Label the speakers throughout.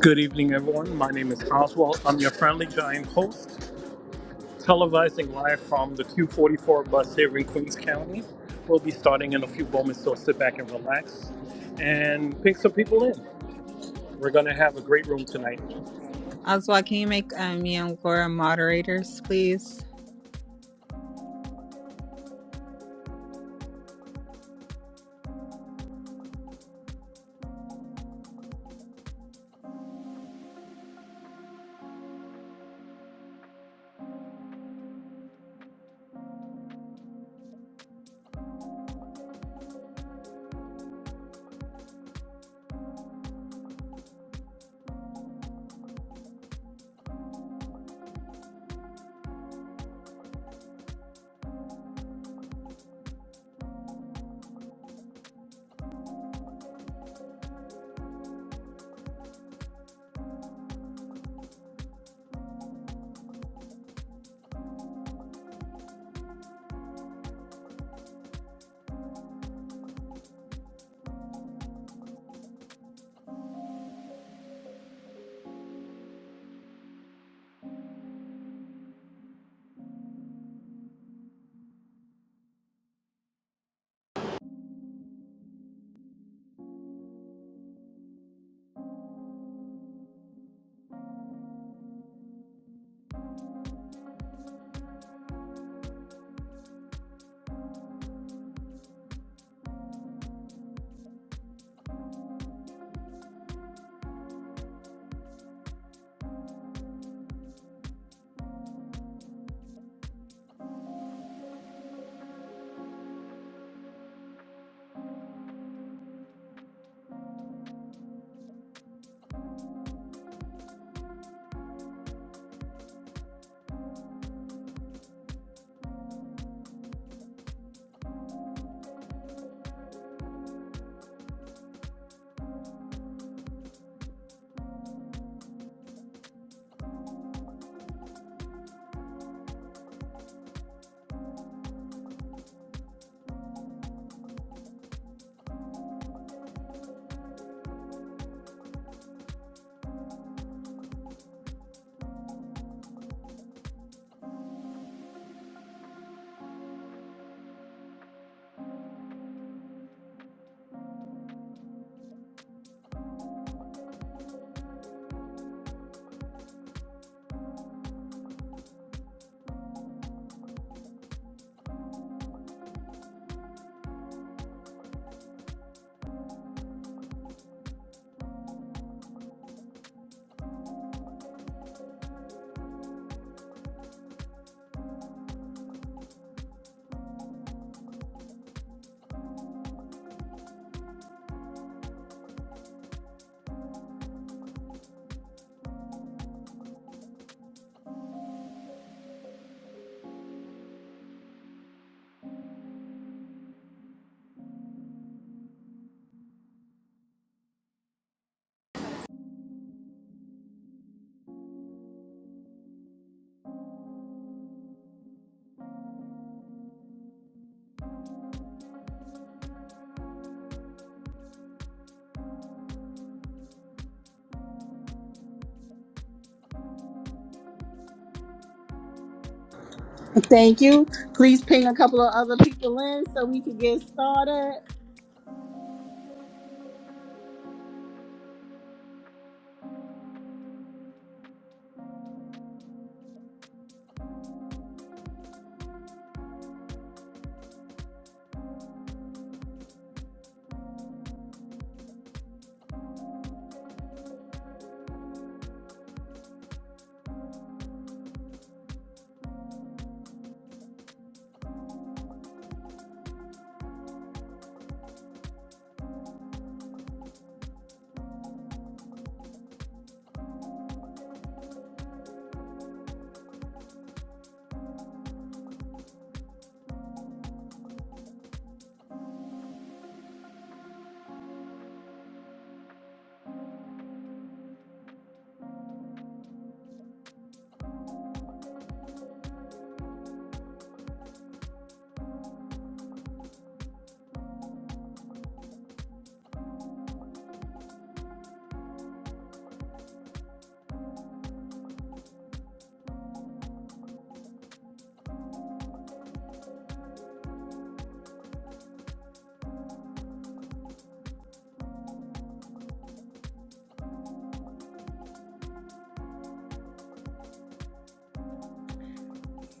Speaker 1: Good evening, everyone. My name is Oswald. I'm your friendly giant host, televising live from the 244 bus here in Queens County. We'll be starting in a few moments, so sit back and relax and pick some people in. We're going to have a great room tonight.
Speaker 2: Oswald, can you make uh, me and Laura moderators, please?
Speaker 3: Thank you. Please ping a couple of other people in so we can get started.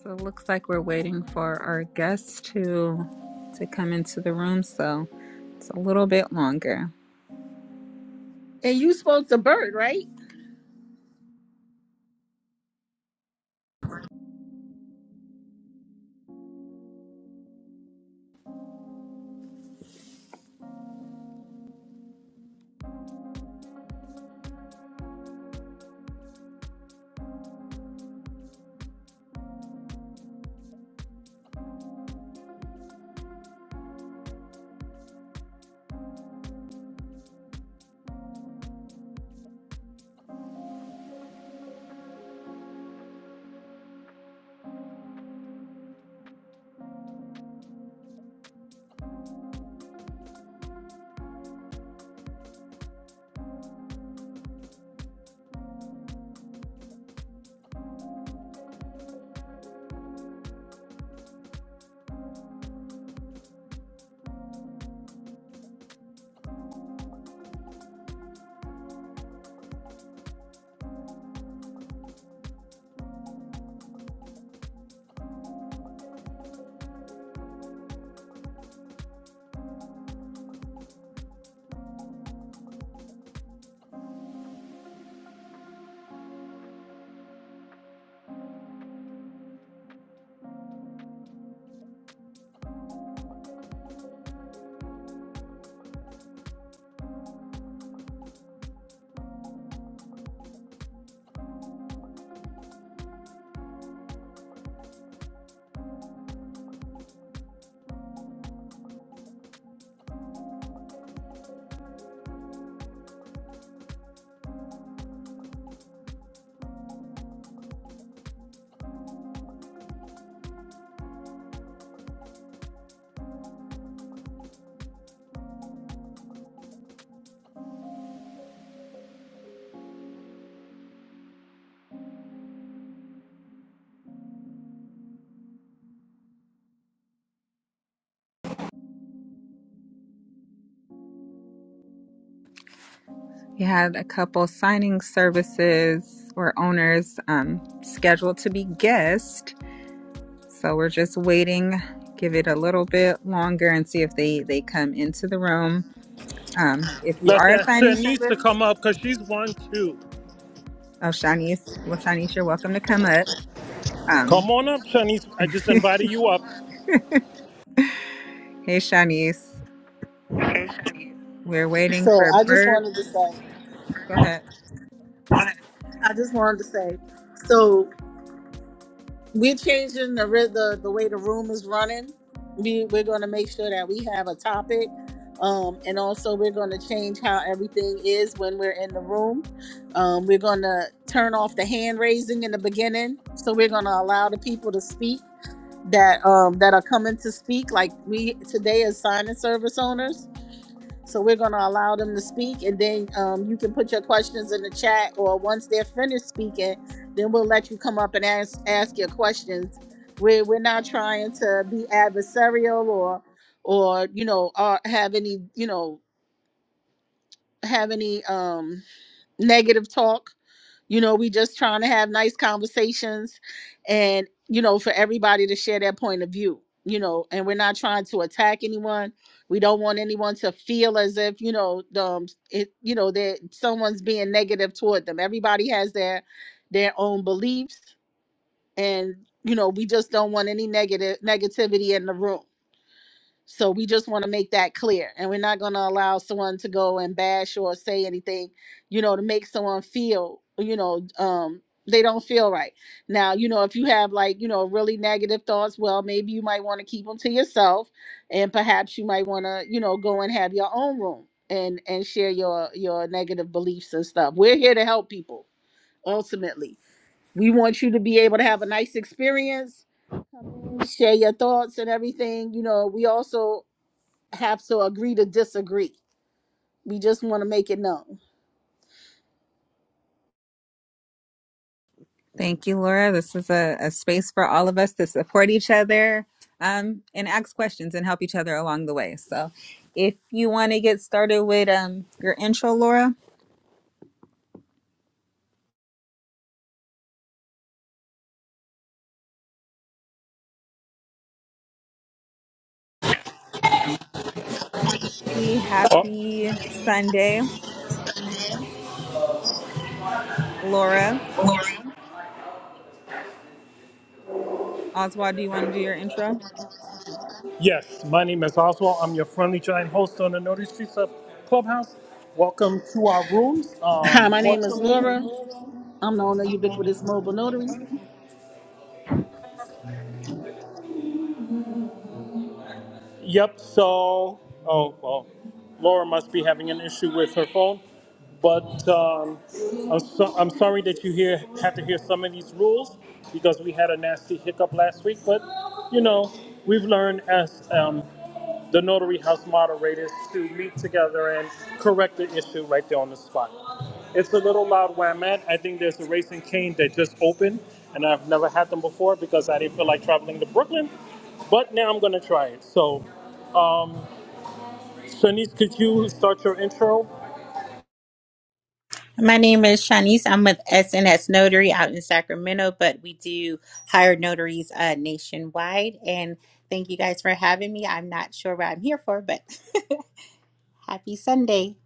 Speaker 2: So it looks like we're waiting for our guests to to come into the room, so it's a little bit longer.
Speaker 3: And you spoke to Bert, right?
Speaker 2: We had a couple signing services or owners um, scheduled to be guests, so we're just waiting. Give it a little bit longer and see if they they come into the room. Um, if you
Speaker 1: Let's
Speaker 2: are a
Speaker 1: ask
Speaker 2: signing
Speaker 1: Shanice
Speaker 2: service,
Speaker 1: to come up because she's one too.
Speaker 2: oh Shanice, well Shanice, you're welcome to come up. Um,
Speaker 1: Come on up, Shanice. I just invited you up.
Speaker 2: Hey, Shanice. We're waiting
Speaker 3: So
Speaker 2: for
Speaker 3: I just
Speaker 2: Bert.
Speaker 3: wanted to
Speaker 2: Go
Speaker 3: say,
Speaker 2: ahead.
Speaker 3: I just wanted to say, so We're changing the ri- the the way the room is running. We we're going to make sure that we have a topic, um, and also we're going to change how everything is when we're in the room. Um, we're going to turn off the hand raising in the beginning, so we're going to allow the people to speak that um that are coming to speak. Like we today as sign and service owners, so we're going to allow them to speak, and then um, you can put your questions in the chat. Or once they're finished speaking, then we'll let you come up and ask ask your questions. We're we're not trying to be adversarial or or you know or have any you know have any um negative talk. You know, we just trying to have nice conversations and, you know, for everybody to share their point of view, you know, and we're not trying to attack anyone. We don't want anyone to feel as if, you know, the, um, it, you know, that someone's being negative toward them. Everybody has their, their own beliefs and, you know, we just don't want any negative negativity in the room. So we just want to make that clear. And we're not going to allow someone to go and bash or say anything, you know, to make someone feel, you know, um, they don't feel right. Now, you know, if you have like, you know, really negative thoughts, well, maybe you might want to keep them to yourself and perhaps you might want to, you know, go and have your own room and and share your your negative beliefs and stuff. We're here to help people ultimately. We want you to be able to have a nice experience share your thoughts and everything. You know, we also have to agree to disagree. We just want to make it known.
Speaker 2: Thank you, Laura. This is a, a space for all of us to support each other um, and ask questions and help each other along the way. So, if you want to get started with um, your intro, Laura, happy
Speaker 1: Oh,
Speaker 2: happy Sunday. Laura, Oswald, do you want to do your intro?
Speaker 1: yes, my name is Oswald. I'm your friendly giant host on the Notary Streets of Clubhouse. Welcome to our rooms.
Speaker 3: Hi, my name is
Speaker 1: Unfortunately,
Speaker 3: Laura. I'm the owner of Ubiquitous Mobile Notary.
Speaker 1: Yep. So, oh well, Laura must be having an issue with her phone. But um, I'm so, I'm sorry that you hear had to hear some of these rules because we had a nasty hiccup last week. But you know, we've learned as um, the notary house moderators to meet together and correct the issue right there on the spot. It's a little loud where I'm at. I think there's a racing cane that just opened, and I've never had them before because I didn't feel like traveling to Brooklyn. But now I'm gonna try it. So. Shanice, could you start your intro?
Speaker 4: My name is Shanice. I'm with SNS Notary out in Sacramento, but we do hire notaries uh, nationwide. And thank you guys for having me. I'm not sure what I'm here for, but happy Sunday.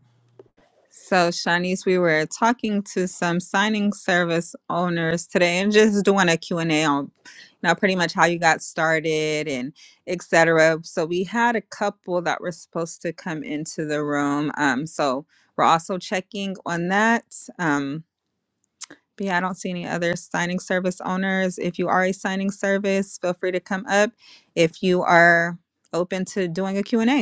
Speaker 2: So, Shanice, we were talking to some signing service owners today and just doing a Q and a on you know, pretty much how you got started and et cetera. So we had a couple that were supposed to come into the room. Um, so we're also checking on that. Um, but yeah, I don't see any other signing service owners. If you are a signing service, feel free to come up if you are open to doing a Q and a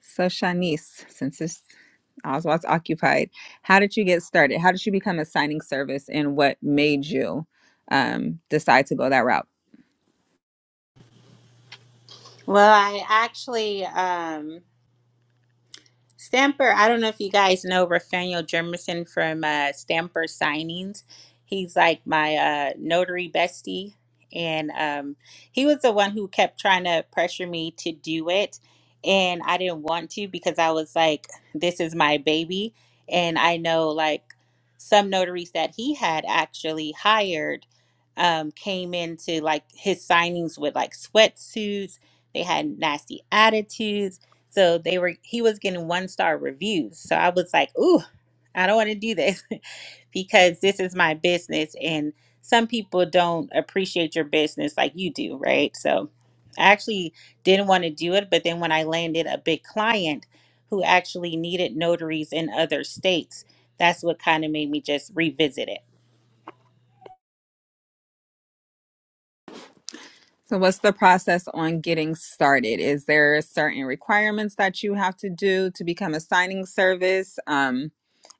Speaker 2: So, Shanice, since this Oswald's occupied, how did you get started? How did you become a signing service, and what made you um, decide to go that route?
Speaker 4: Well, I actually, um, Stamper, I don't know if you guys know Rafael Jermison from uh, Stamper Signings. He's like my uh, notary bestie. And um, he was the one who kept trying to pressure me to do it. And I didn't want to because I was like, this is my baby. And I know like some notaries that he had actually hired um, came into like his signings with like sweatsuits. They had nasty attitudes so they were he was getting one star reviews. So I was like, ooh, I don't want to do this because this is my business and some people don't appreciate your business like you do, right? So I actually didn't want to do it, but then when I landed a big client who actually needed notaries in other states, that's what kind of made me just revisit it.
Speaker 2: So, what's the process on getting started? Is there certain requirements that you have to do to become a signing service? Um,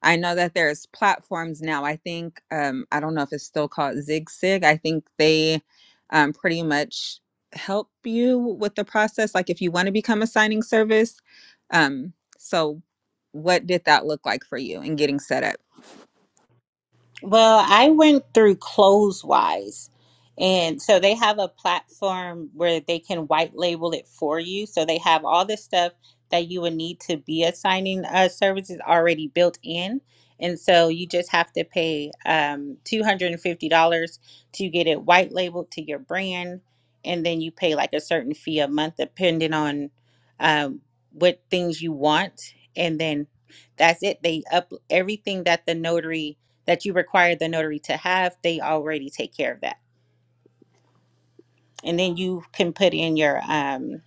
Speaker 2: I know that there's platforms now. I think um, I don't know if it's still called ZigSig. I think they um, pretty much help you with the process. Like if you want to become a signing service. Um, so, what did that look like for you in getting set up?
Speaker 4: Well, I went through Clothes Wise, And so they have a platform where they can white label it for you. So they have all the stuff that you would need to be assigning uh, services already built in. And so you just have to pay um, $250 to get it white labeled to your brand. And then you pay like a certain fee a month, depending on um, what things you want. And then that's it. They up everything that the notary that you require the notary to have, they already take care of that. And then you can put in your um,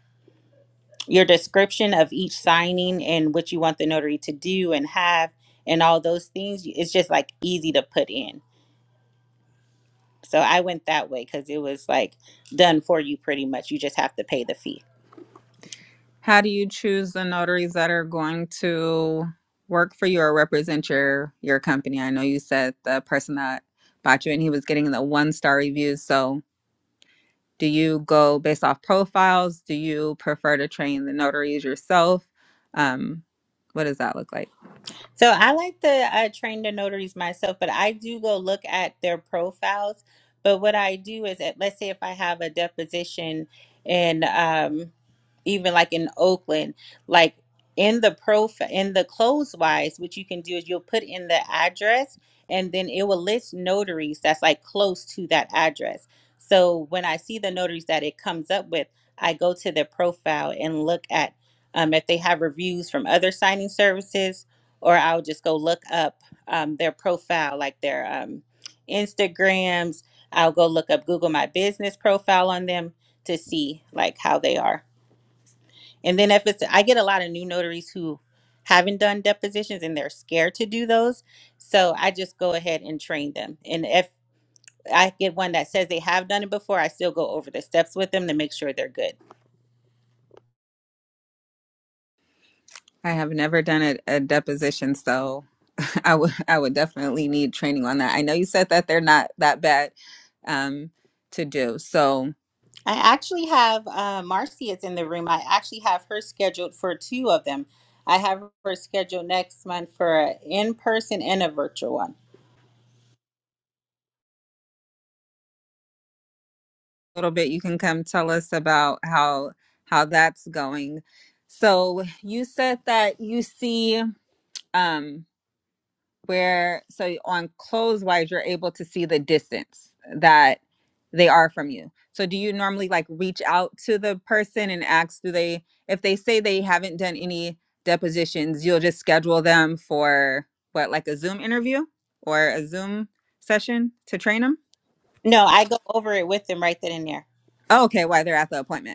Speaker 4: your description of each signing and what you want the notary to do and have and all those things. It's just like easy to put in. So I went that way because it was like done for you pretty much. You just have to pay the fee.
Speaker 2: How do you choose the notaries that are going to work for you or represent your your company? I know you said the person that bought you and he was getting the one star reviews. So do you go based off profiles? Do you prefer to train the notaries yourself? Um, what does that look like?
Speaker 4: So I like to uh, train the notaries myself, but I do go look at their profiles. But what I do is, that, let's say if I have a deposition, and um, even like in Oakland, like in the profile in the clothes wise, what you can do is you'll put in the address and then it will list notaries that's like close to that address. So when I see the notaries that it comes up with, I go to their profile and look at um, if they have reviews from other signing services, or I'll just go look up um, their profile, like their um, Instagrams. I'll go look up Google My Business profile on them to see like how they are. And then if it's, I get a lot of new notaries who haven't done depositions and they're scared to do those. So I just go ahead and train them. And if I get one that says they have done it before, I still go over the steps with them to make sure they're good.
Speaker 2: I have never done a, a deposition, so I would I would definitely need training on that. I know you said that they're not that bad um, to do. So
Speaker 4: I actually have uh, Marcy is in the room. I actually have her scheduled for two of them. I have her scheduled next month for an in person and a virtual one.
Speaker 2: little bit, you can come tell us about how how that's going. So you said that you see um where so on clothes wise you're able to see the distance that they are from you. So do you normally like reach out to the person and ask do they if they say they haven't done any depositions, you'll just schedule them for what like a Zoom interview or a Zoom session to train them?
Speaker 4: No, I go over it with them right then and there.
Speaker 2: Oh, okay, why they're at the appointment.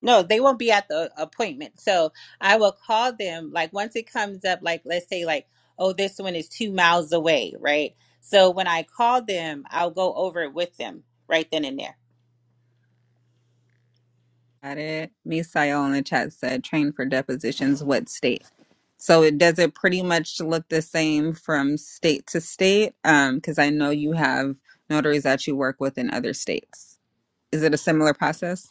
Speaker 4: No, they won't be at the appointment. So I will call them like once it comes up, like let's say like, oh, this one is two miles away, right? So when I call them, I'll go over it with them right then and there.
Speaker 2: Got it. Misael in the chat said, train for depositions, what state? So it does it pretty much look the same from state to state? Um, because I know you have notaries that you work with in other states. Is it a similar process?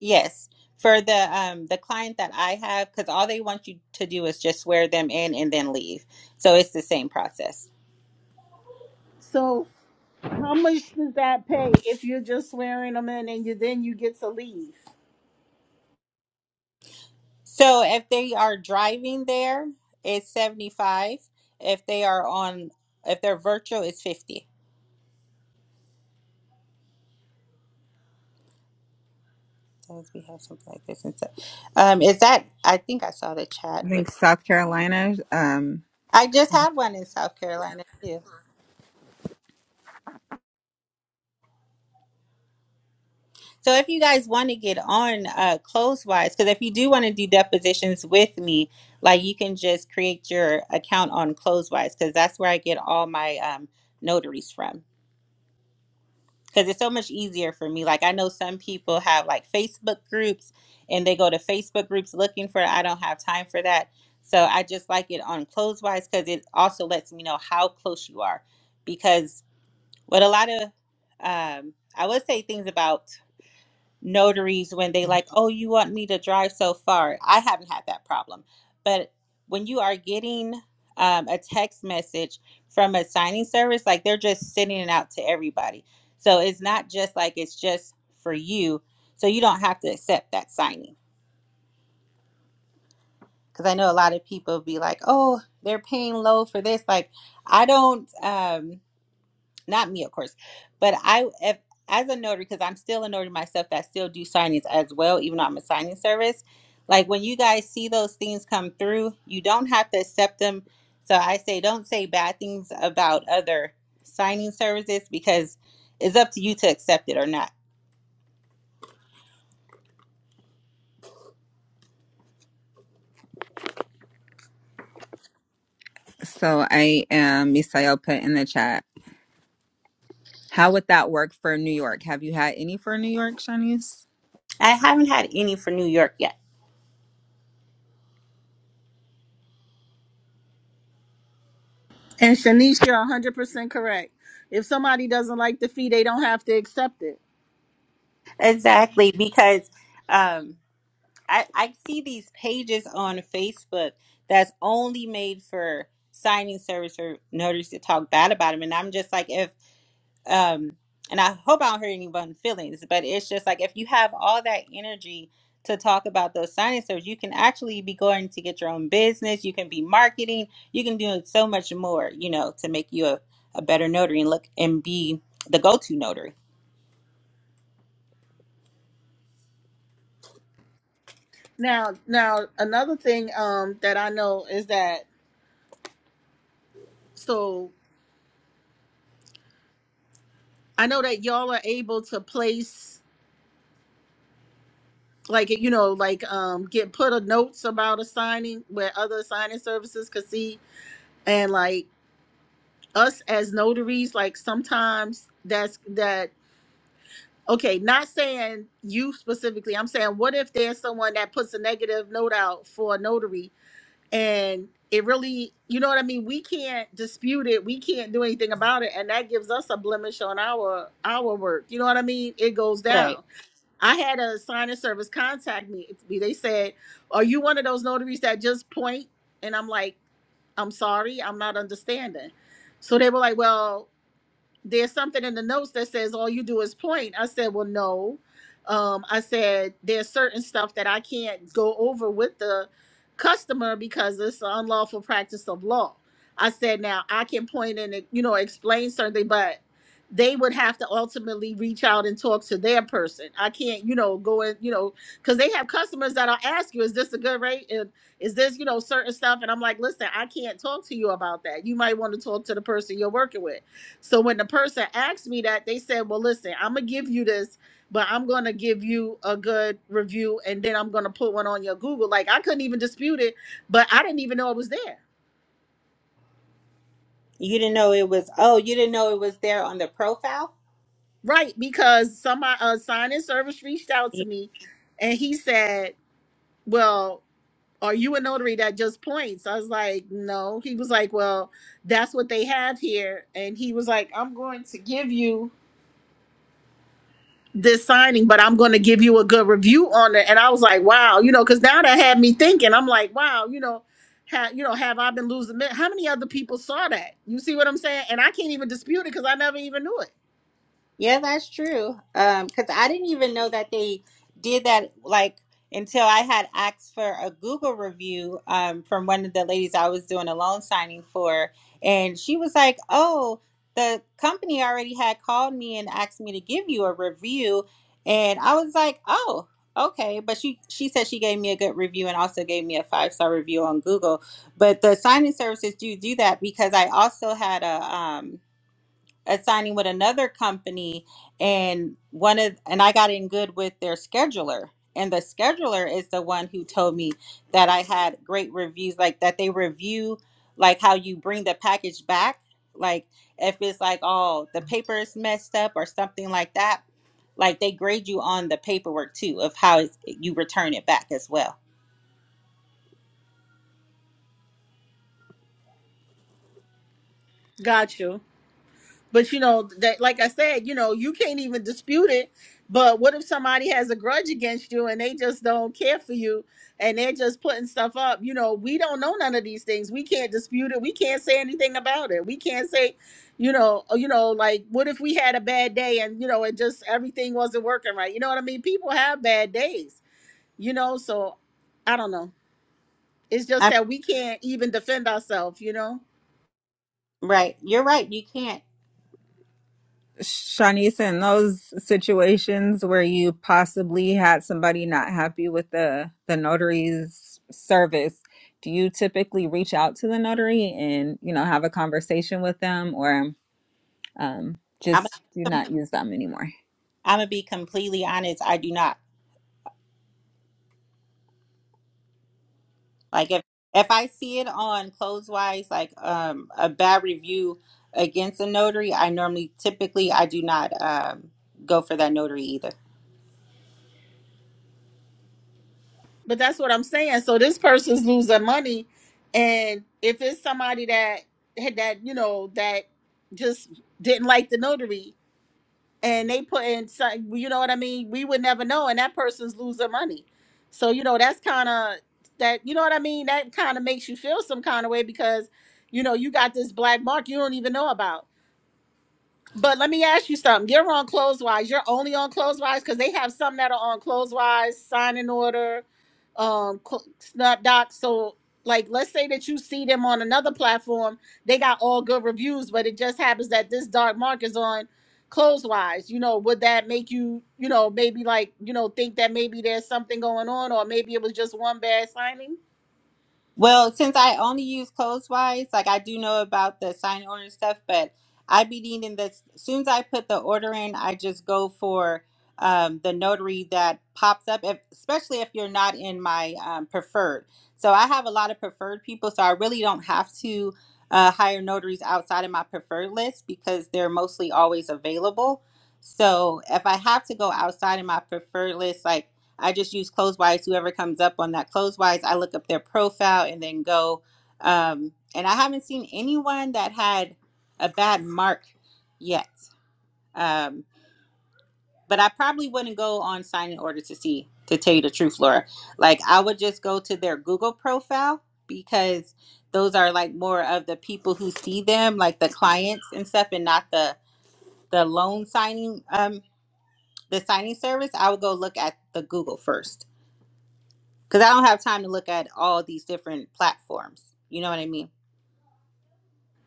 Speaker 4: Yes. For the um the client that I have, because all they want you to do is just swear them in and then leave. So it's the same process.
Speaker 3: So, how much does that pay if you're just swearing them in and you then you get to leave?
Speaker 4: So if they are driving there, it's seventy five. If they are on if they're virtual, it's fifty. Because we have something like this inside. Um, is that? I think I saw the chat.
Speaker 2: I
Speaker 4: With,
Speaker 2: think South Carolina. Um,
Speaker 4: I just had one in South Carolina too. So if you guys want to get on uh, close wise, because if you do want to do depositions with me, like you can just create your account on close wise, because that's where I get all my um, notaries from. because it's so much easier for me. Like I know some people have like Facebook groups and they go to Facebook groups looking for it. I don't have time for that. So I just like it on Clothes wise. because it also lets me know how close you are. Because what a lot of um, I would say things about notaries when they like, oh, you want me to drive so far. I haven't had that problem. But when you are getting um, a text message from a signing service, like they're just sending it out to everybody. So it's not just like it's just for you. So you don't have to accept that signing. Because I know a lot of people be like, oh, they're paying low for this. Like, I don't. Um, not me of course but i if, as a notary because i'm still a notary myself that still do signings as well even though i'm a signing service like when you guys see those things come through you don't have to accept them so i say don't say bad things about other signing services because it's up to you to accept it or not
Speaker 2: so I am Misael put in the chat. How would that work for New York? Have you had any for New York, Shanice?
Speaker 4: i haven't had any for new york yet
Speaker 3: And Shanice, you're 100% correct. If somebody doesn't like the fee, they don't have to accept it.
Speaker 4: exactly because um I, I see these pages on Facebook that's only made for signing service or notaries to talk bad about them, And I'm just like, if, um, and I hope I don't hurt anyone's feelings, but it's just like, if you have all that energy to talk about those signing service, you can actually be going to get your own business. You can be marketing. You can do so much more, you know, to make you a, a better notary and look and be the go-to notary.
Speaker 3: Now, now another thing um, that I know is that so I know that y'all are able to place. like you know like um get put a notes about a signing where other signing services could see and like us as notaries like sometimes that's that okay not saying you specifically i'm saying what if there's someone that puts a negative note out for a notary and it really you know what i mean we can't dispute it we can't do anything about it and that gives us a blemish on our our work you know what i mean it goes down
Speaker 4: Right.
Speaker 3: I had a sign of service contact me. They said, "Are you one of those notaries that just point?" And I'm like, "I'm sorry, I'm not understanding." So they were like, "Well." there's something in the notes that says all you do is point. I said, well, no. Um, I said there's certain stuff that I can't go over with the customer because it's an unlawful practice of law. I said now I can point and you know explain something, but they would have to ultimately reach out and talk to their person. I can't you know go and you know because they have customers that'll ask you, is this a good rate? And is this you know certain stuff? And I'm like, listen, I can't talk to you about that. You might want to talk to the person you're working with so when the person asked me that, they said, "Well, listen, I'm gonna give you this, but I'm gonna give you a good review, and then I'm gonna put one on your Google." Like I couldn't even dispute it, but I didn't even know it was there,
Speaker 4: You didn't know it was, oh, you didn't know it was there on the profile?
Speaker 3: right? Because somebody, a sign in service, reached out to me, and he said, "Well." Are you a notary that just points? I was like, no. He was like, well, that's what they have here. And he was like, I'm going to give you this signing, but I'm going to give you a good review on it. And I was like, wow, you know, because now that had me thinking. I'm like, wow, you know, have you know, have I been losing? men- How many other people saw that? You see what I'm saying? And I can't even dispute it because I never even knew it.
Speaker 4: Yeah, that's true. Um, 'cause I didn't even know that they did that like until I had asked for a Google review um from one of the ladies I was doing a loan signing for, and she was like, "Oh, the company already had called me and asked me to give you a review," and I was like, "Oh, okay." But she she said she gave me a good review and also gave me a five star review on Google. But the signing services do do that because I also had a um uh, signing with another company and one of and I got in good with their scheduler and the scheduler is the one who told me that I had great reviews like that they review like how you bring the package back like if it's like oh the paper is messed up or something like that like they grade you on the paperwork too of how it's, you return it back as well
Speaker 3: Got you. But you know that, like I said, you know you can't even dispute it. But what if somebody has a grudge against you and they just don't care for you and they're just putting stuff up? You know, we don't know none of these things. We can't dispute it. We can't say anything about it. We can't say, you know, uh, you know, like what if we had a bad day and you know it just everything wasn't working right? You know what I mean? People have bad days. You know, so I don't know. It's just
Speaker 4: I'm
Speaker 3: that we can't even defend ourselves. You know.
Speaker 4: right you're right you can't
Speaker 2: Shanice, in those situations where you possibly had somebody not happy with the the notary's service, do you typically reach out to the notary and you know have a conversation with them, or um,
Speaker 4: I'm
Speaker 2: just do not use them anymore?
Speaker 4: I'm gonna be completely honest I do not Like if if I see it on clothes wise, like um a bad review against a notary, I normally typically I do not um go for that notary either.
Speaker 3: But that's what I'm saying. So this person's losing money, and if it's somebody that had that you know that just didn't like the notary, and they put in some, you know what I mean, we would never know, and that person's losing money. So you know that's kind of that you know what I mean. That kind of makes you feel some kind of way because you know you got this black mark you don't even know about. But let me ask you something. You're on Clotheswise. You're only on Clotheswise because they have some that are on Clotheswise, Sign in Order, um, Cl- Snapdoc. So, like, let's say that you see them on another platform. They got all good reviews, but it just happens that this dark mark is on Clotheswise. You know, would that make you, you know, maybe like, you know, think that maybe there's something going on, or maybe it was just one bad signing?
Speaker 4: Well, since I only use Clothes-Wise, like I do know about the sign order stuff, but I be needing this. As soon as I put the order in, I just go for um, the notary that pops up, if, especially if you're not in my um, preferred. So I have a lot of preferred people, so I really don't have to uh, hire notaries outside of my preferred list because they're mostly always available. So if I have to go outside of my preferred list, like I just use Closewise. Whoever comes up on that Closewise, I look up their profile and then go. Um, and I haven't seen anyone that had a bad mark yet. Um, but I probably wouldn't go on Sign in Order to see, to tell you the truth, Laura. Like I would just go to their Google profile because those are like more of the people who see them, like the clients and stuff, and not the the loan signing, um, the signing service. I would go look at the Google first because I don't have time to look at all these different platforms. You know what I mean?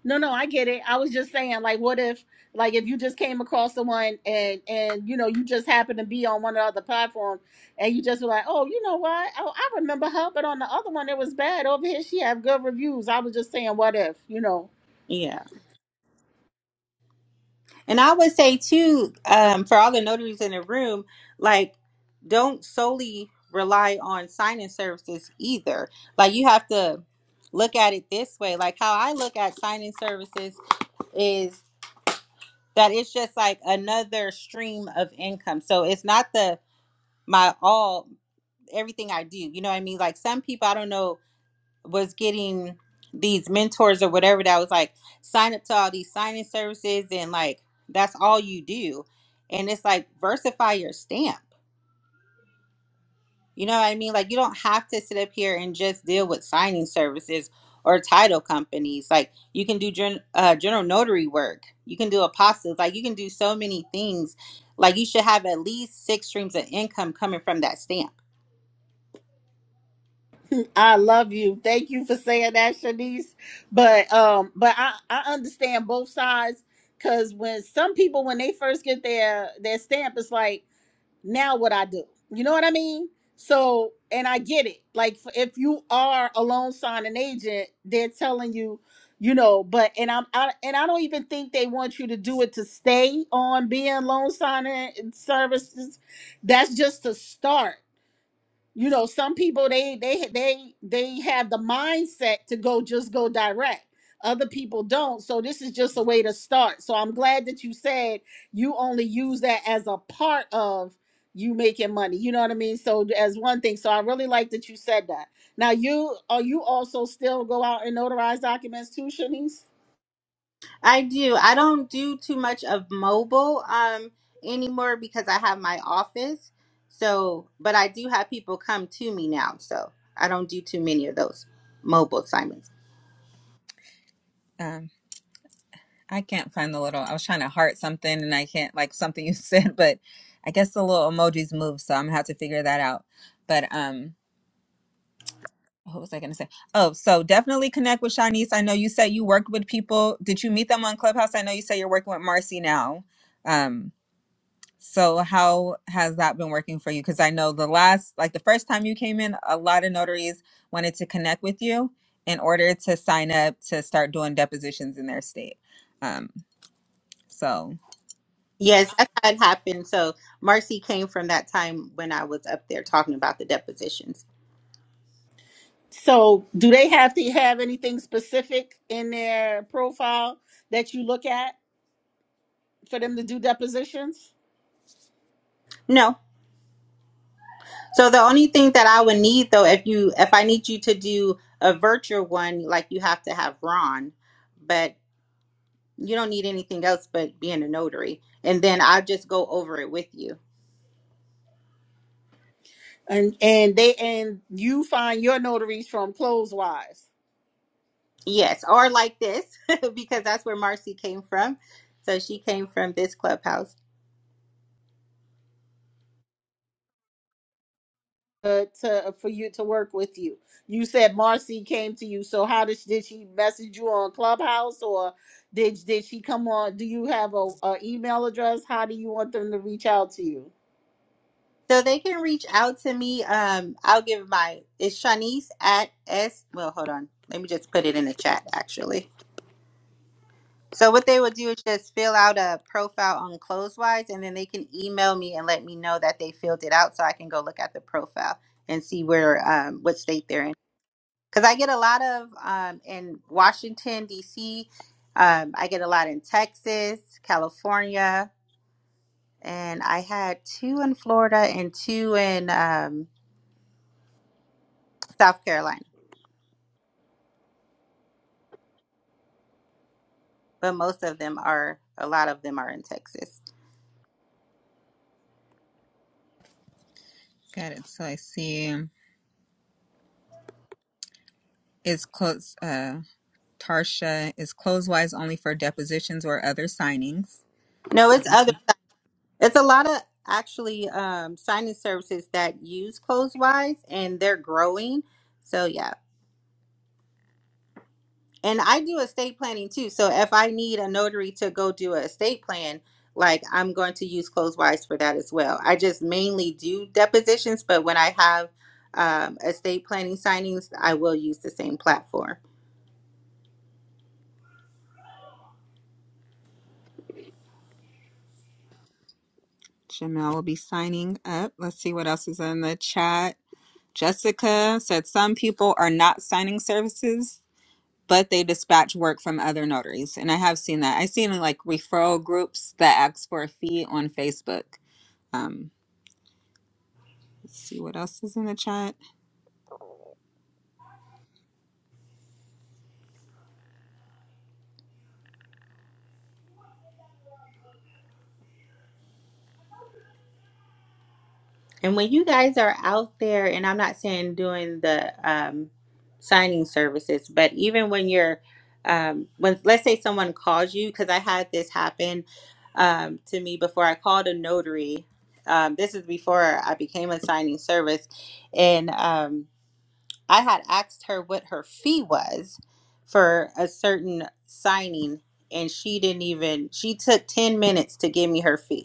Speaker 3: No, no, I get it. I was just saying, like, what if, like, if you just came across someone and and you know you just happened to be on one of the other platforms and you just were like, oh, you know what? Oh, I remember her, but on the other one it was bad. Over here she have good reviews. I was just saying, what if, you know?
Speaker 4: Yeah. And I would say too, um, for all the notaries in the room, like don't solely rely on signing services either. Like you have to look at it this way. Like how I look at signing services is that it's just like another stream of income. So it's not the my all everything I do. You know what I mean? Like some people I don't know was getting these mentors or whatever that was like sign up to all these signing services and like that's all you do and it's like versify your stamp you know what I mean? Like you don't have to sit up here and just deal with signing services or title companies. Like you can do gen- uh, general notary work. You can do apostles. Like you can do so many things. Like you should have at least six streams of income coming from that stamp.
Speaker 3: I love you. Thank you for saying that, Shanice. But um, but I I understand both sides because when some people when they first get their their stamp, it's like. now what I do. You know what I mean? So, and I get it. Like f- if you are a loan signing agent, they're telling you, you know, but and I'm I, and I don't even think they want you to do it to stay on being loan signing services. That's just a start you know some people they they they they have the mindset to go just go direct other people don't so this is just a way to start so i'm glad that you said you only use that as a part of you making money you know what i mean so as one thing so i really like that you said that now you are you also still go out and notarize documents too shanice
Speaker 4: I do. I don't do too much of mobile um anymore because I have my office. So, but I do have people come to me now. So I don't do too many of those mobile assignments.
Speaker 2: Um, I can't find the little. I was trying to heart something and I can't like something you said, but I guess the little emojis move, so I'm gonna have to figure that out. But um, what was I gonna say? Oh, so definitely connect with Shanice. I know you said you worked with people. Did you meet them on Clubhouse? I know you said you're working with Marcy now. Um, so how has that been working for you? Because I know the last, like the first time you came in, a lot of notaries wanted to connect with you in order to sign up to start doing depositions in their state. Um, so
Speaker 4: Yes, that's how it happened. So Marcy came from that time when I was up there talking about the depositions.
Speaker 3: so do they have to have anything specific in their profile that you look at for them to do depositions
Speaker 4: No. So the only thing that I would need though, if you if I need you to do a virtual one, like you have to have Ron. But You don't need anything else but being a notary. And then I'll just go over it with you.
Speaker 3: and and they and you find your notaries from Closewise
Speaker 4: Yes, or like this, because that's where Marcy came from. So she came from this clubhouse.
Speaker 3: uh, to uh, for you to work with you. You said Marcy came to you, so how did she, did she message you on Clubhouse or did did she come on? Do you have a, a email address? How do you want them to reach out to you?
Speaker 4: So they can reach out to me. Um, I'll give my it's Shanice at S well, hold on. Let me just put it in the chat actually. So what they will do is just fill out a profile on Closewise and then they can email me and let me know that they filled it out so I can go look at the profile and see where um what state they're in. because I get a lot of um, in Washington D.C. Um, I get a lot in Texas, California, and I had two in Florida and two in um, South Carolina. But most of them are a lot of them are in Texas.
Speaker 2: got it. So I see is close. Uh, Tarsha is closewise only for depositions or other signings.
Speaker 4: No, it's other. It's a lot of actually um, signing services that use Closewise, and they're growing. So yeah. And I do estate planning too. So if I need a notary to go do an estate plan, like I'm going to use Closewise for that as well. I just mainly do depositions, but when I have um, estate planning signings, I will use the same platform.
Speaker 2: Jamel will be signing up. Let's see what else is in the chat. Jessica said some people are not signing services, but they dispatch work from other notaries. And I have seen that. I've seen like referral groups that ask for a fee on Facebook. Um, let's see what else is in the chat.
Speaker 4: And when you guys are out there, and I'm not saying doing the um, signing services, but even when you're, um, when let's say someone calls you, because I had this happen um, to me before I called a notary. Um, this is before I became a signing service, and um, I had asked her what her fee was for a certain signing, and she didn't even. She took ten minutes to give me her fee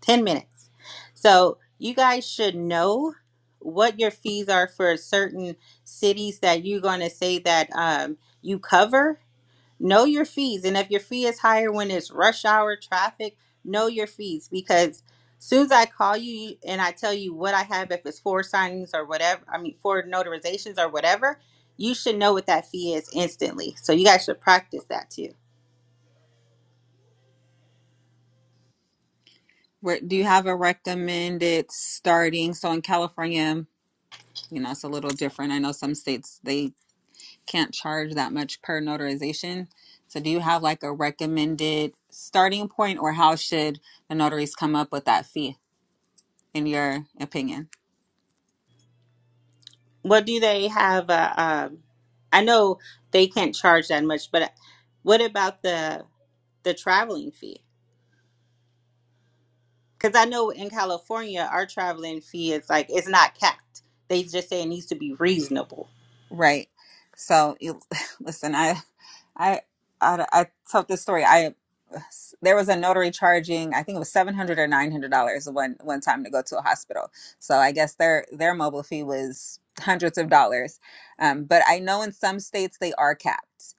Speaker 4: 10 minutes. So you guys should know what your fees are for certain cities that you're going to say that um, you cover. Know your fees. And if your fee is higher when it's rush hour traffic, know your fees because soon as I call you you- and I tell you what I have, if it's four signings or whatever, I mean, four notarizations or whatever, you should know what that fee is instantly. So you guys should practice that too.
Speaker 2: Where, do you have a recommended starting? So in California, you know, it's a little different. I know some states they can't charge that much per notarization. So, do you have like a recommended starting point, or how should the notaries come up with that fee, in your opinion?
Speaker 4: What do they have? Uh, um, I know they can't charge that much, but what about the the traveling fee? Because I know in California, our traveling fee is like it's not capped. They just say it needs to be reasonable.
Speaker 2: Right. So, you, listen, I, I, I, I told this story. I there was a notary charging, I think it was seven hundred dollars or nine hundred dollars one one time to go to a hospital. So, I guess their their mobile fee was hundreds of dollars. Um, but I know in some states they are capped.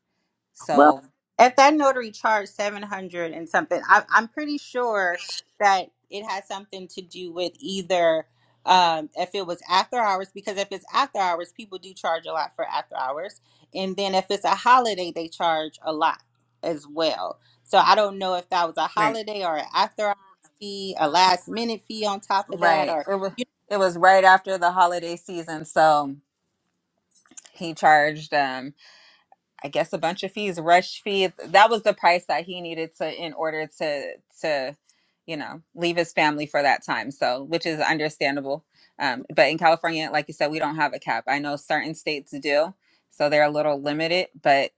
Speaker 4: Well,
Speaker 2: So,
Speaker 4: if that notary charged seven hundred and something, I, I'm pretty sure that it has something to do with either um, if it was after hours, because if it's after hours, people do charge a lot for after hours, and then if it's a holiday, they charge a lot as well. So I don't know if that was a
Speaker 2: right.
Speaker 4: holiday or an after hours fee, a last minute fee on top of that,
Speaker 2: Right.
Speaker 4: or
Speaker 2: It was it was right after the holiday season, so he charged um I guess a bunch of fees, rush fees. That was the price that he needed to in order to to you know, leave his family for that time. So, which is understandable. Um but in California, like you said, we don't have a cap. I know certain states do, so they're a little limited, but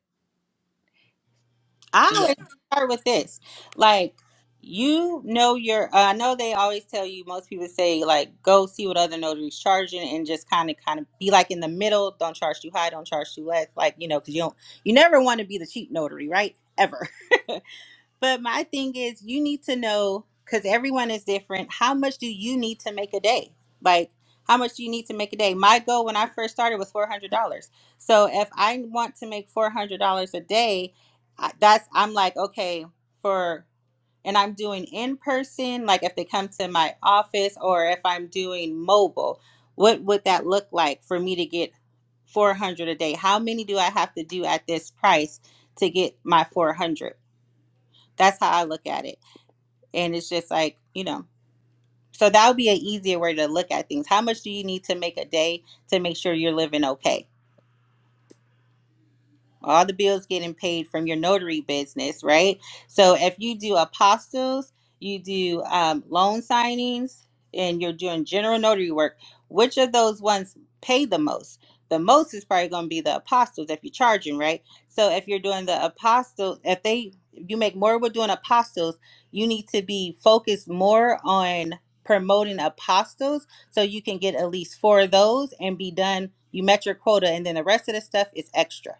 Speaker 4: I
Speaker 2: yeah.
Speaker 4: always start with this. Like, you know your uh, I know they always tell you most people say like go see what other notaries charging and just kind of kind of be like in the middle, don't charge too high, don't charge too less, like you know cuz you don't you never want to be the cheap notary, right? Ever. But my thing is, you need to know because everyone is different. How much do you need to make a day? Like, how much do you need to make a day? My goal when I first started was four hundred dollars. So if I want to make four hundred dollars a day, I- that's I'm like okay for, and I'm doing in person. Like if they come to my office or if I'm doing mobile, what would that look like for me to get four hundred a day? How many do I have to do at this price to get my four hundred? That's how I look at it. And it's just like, you know, so that would be an easier way to look at things. How much do you need to make a day to make sure you're living okay? all the bills getting paid from your notary business, right? So if you do apostles, you do um, loan signings, and you're doing general notary work, which of those ones pay the most? The most is probably going to be the apostles if you're charging, right? So if you're doing the apostles, if they if you make more with doing apostles, you need to be focused more on promoting apostles so you can get at least four of those and be done. You met your quota, and then the rest of the stuff is extra.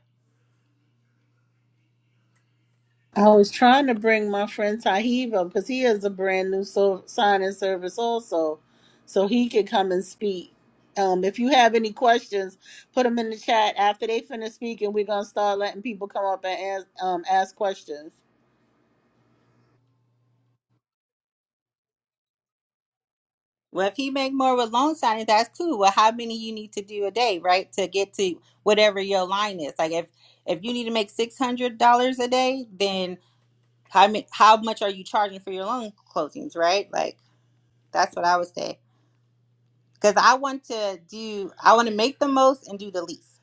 Speaker 3: I was trying to bring my friend Tahib up because he has a brand new so- signing service also, so he could come and speak. Um, if you have any questions, put them in the chat after they finish speaking. We're gonna start letting people come up and ask, um, ask questions.
Speaker 4: Well, if he make more with loan signing, that's cool. Well, how many you need to do a day, right, to get to whatever your line is? Like, if if you need to make six hundred dollars a day, then how many, how much are you charging for your loan closings, right? Like, that's what I would say. Because I want to do, I want to make the most and do the least.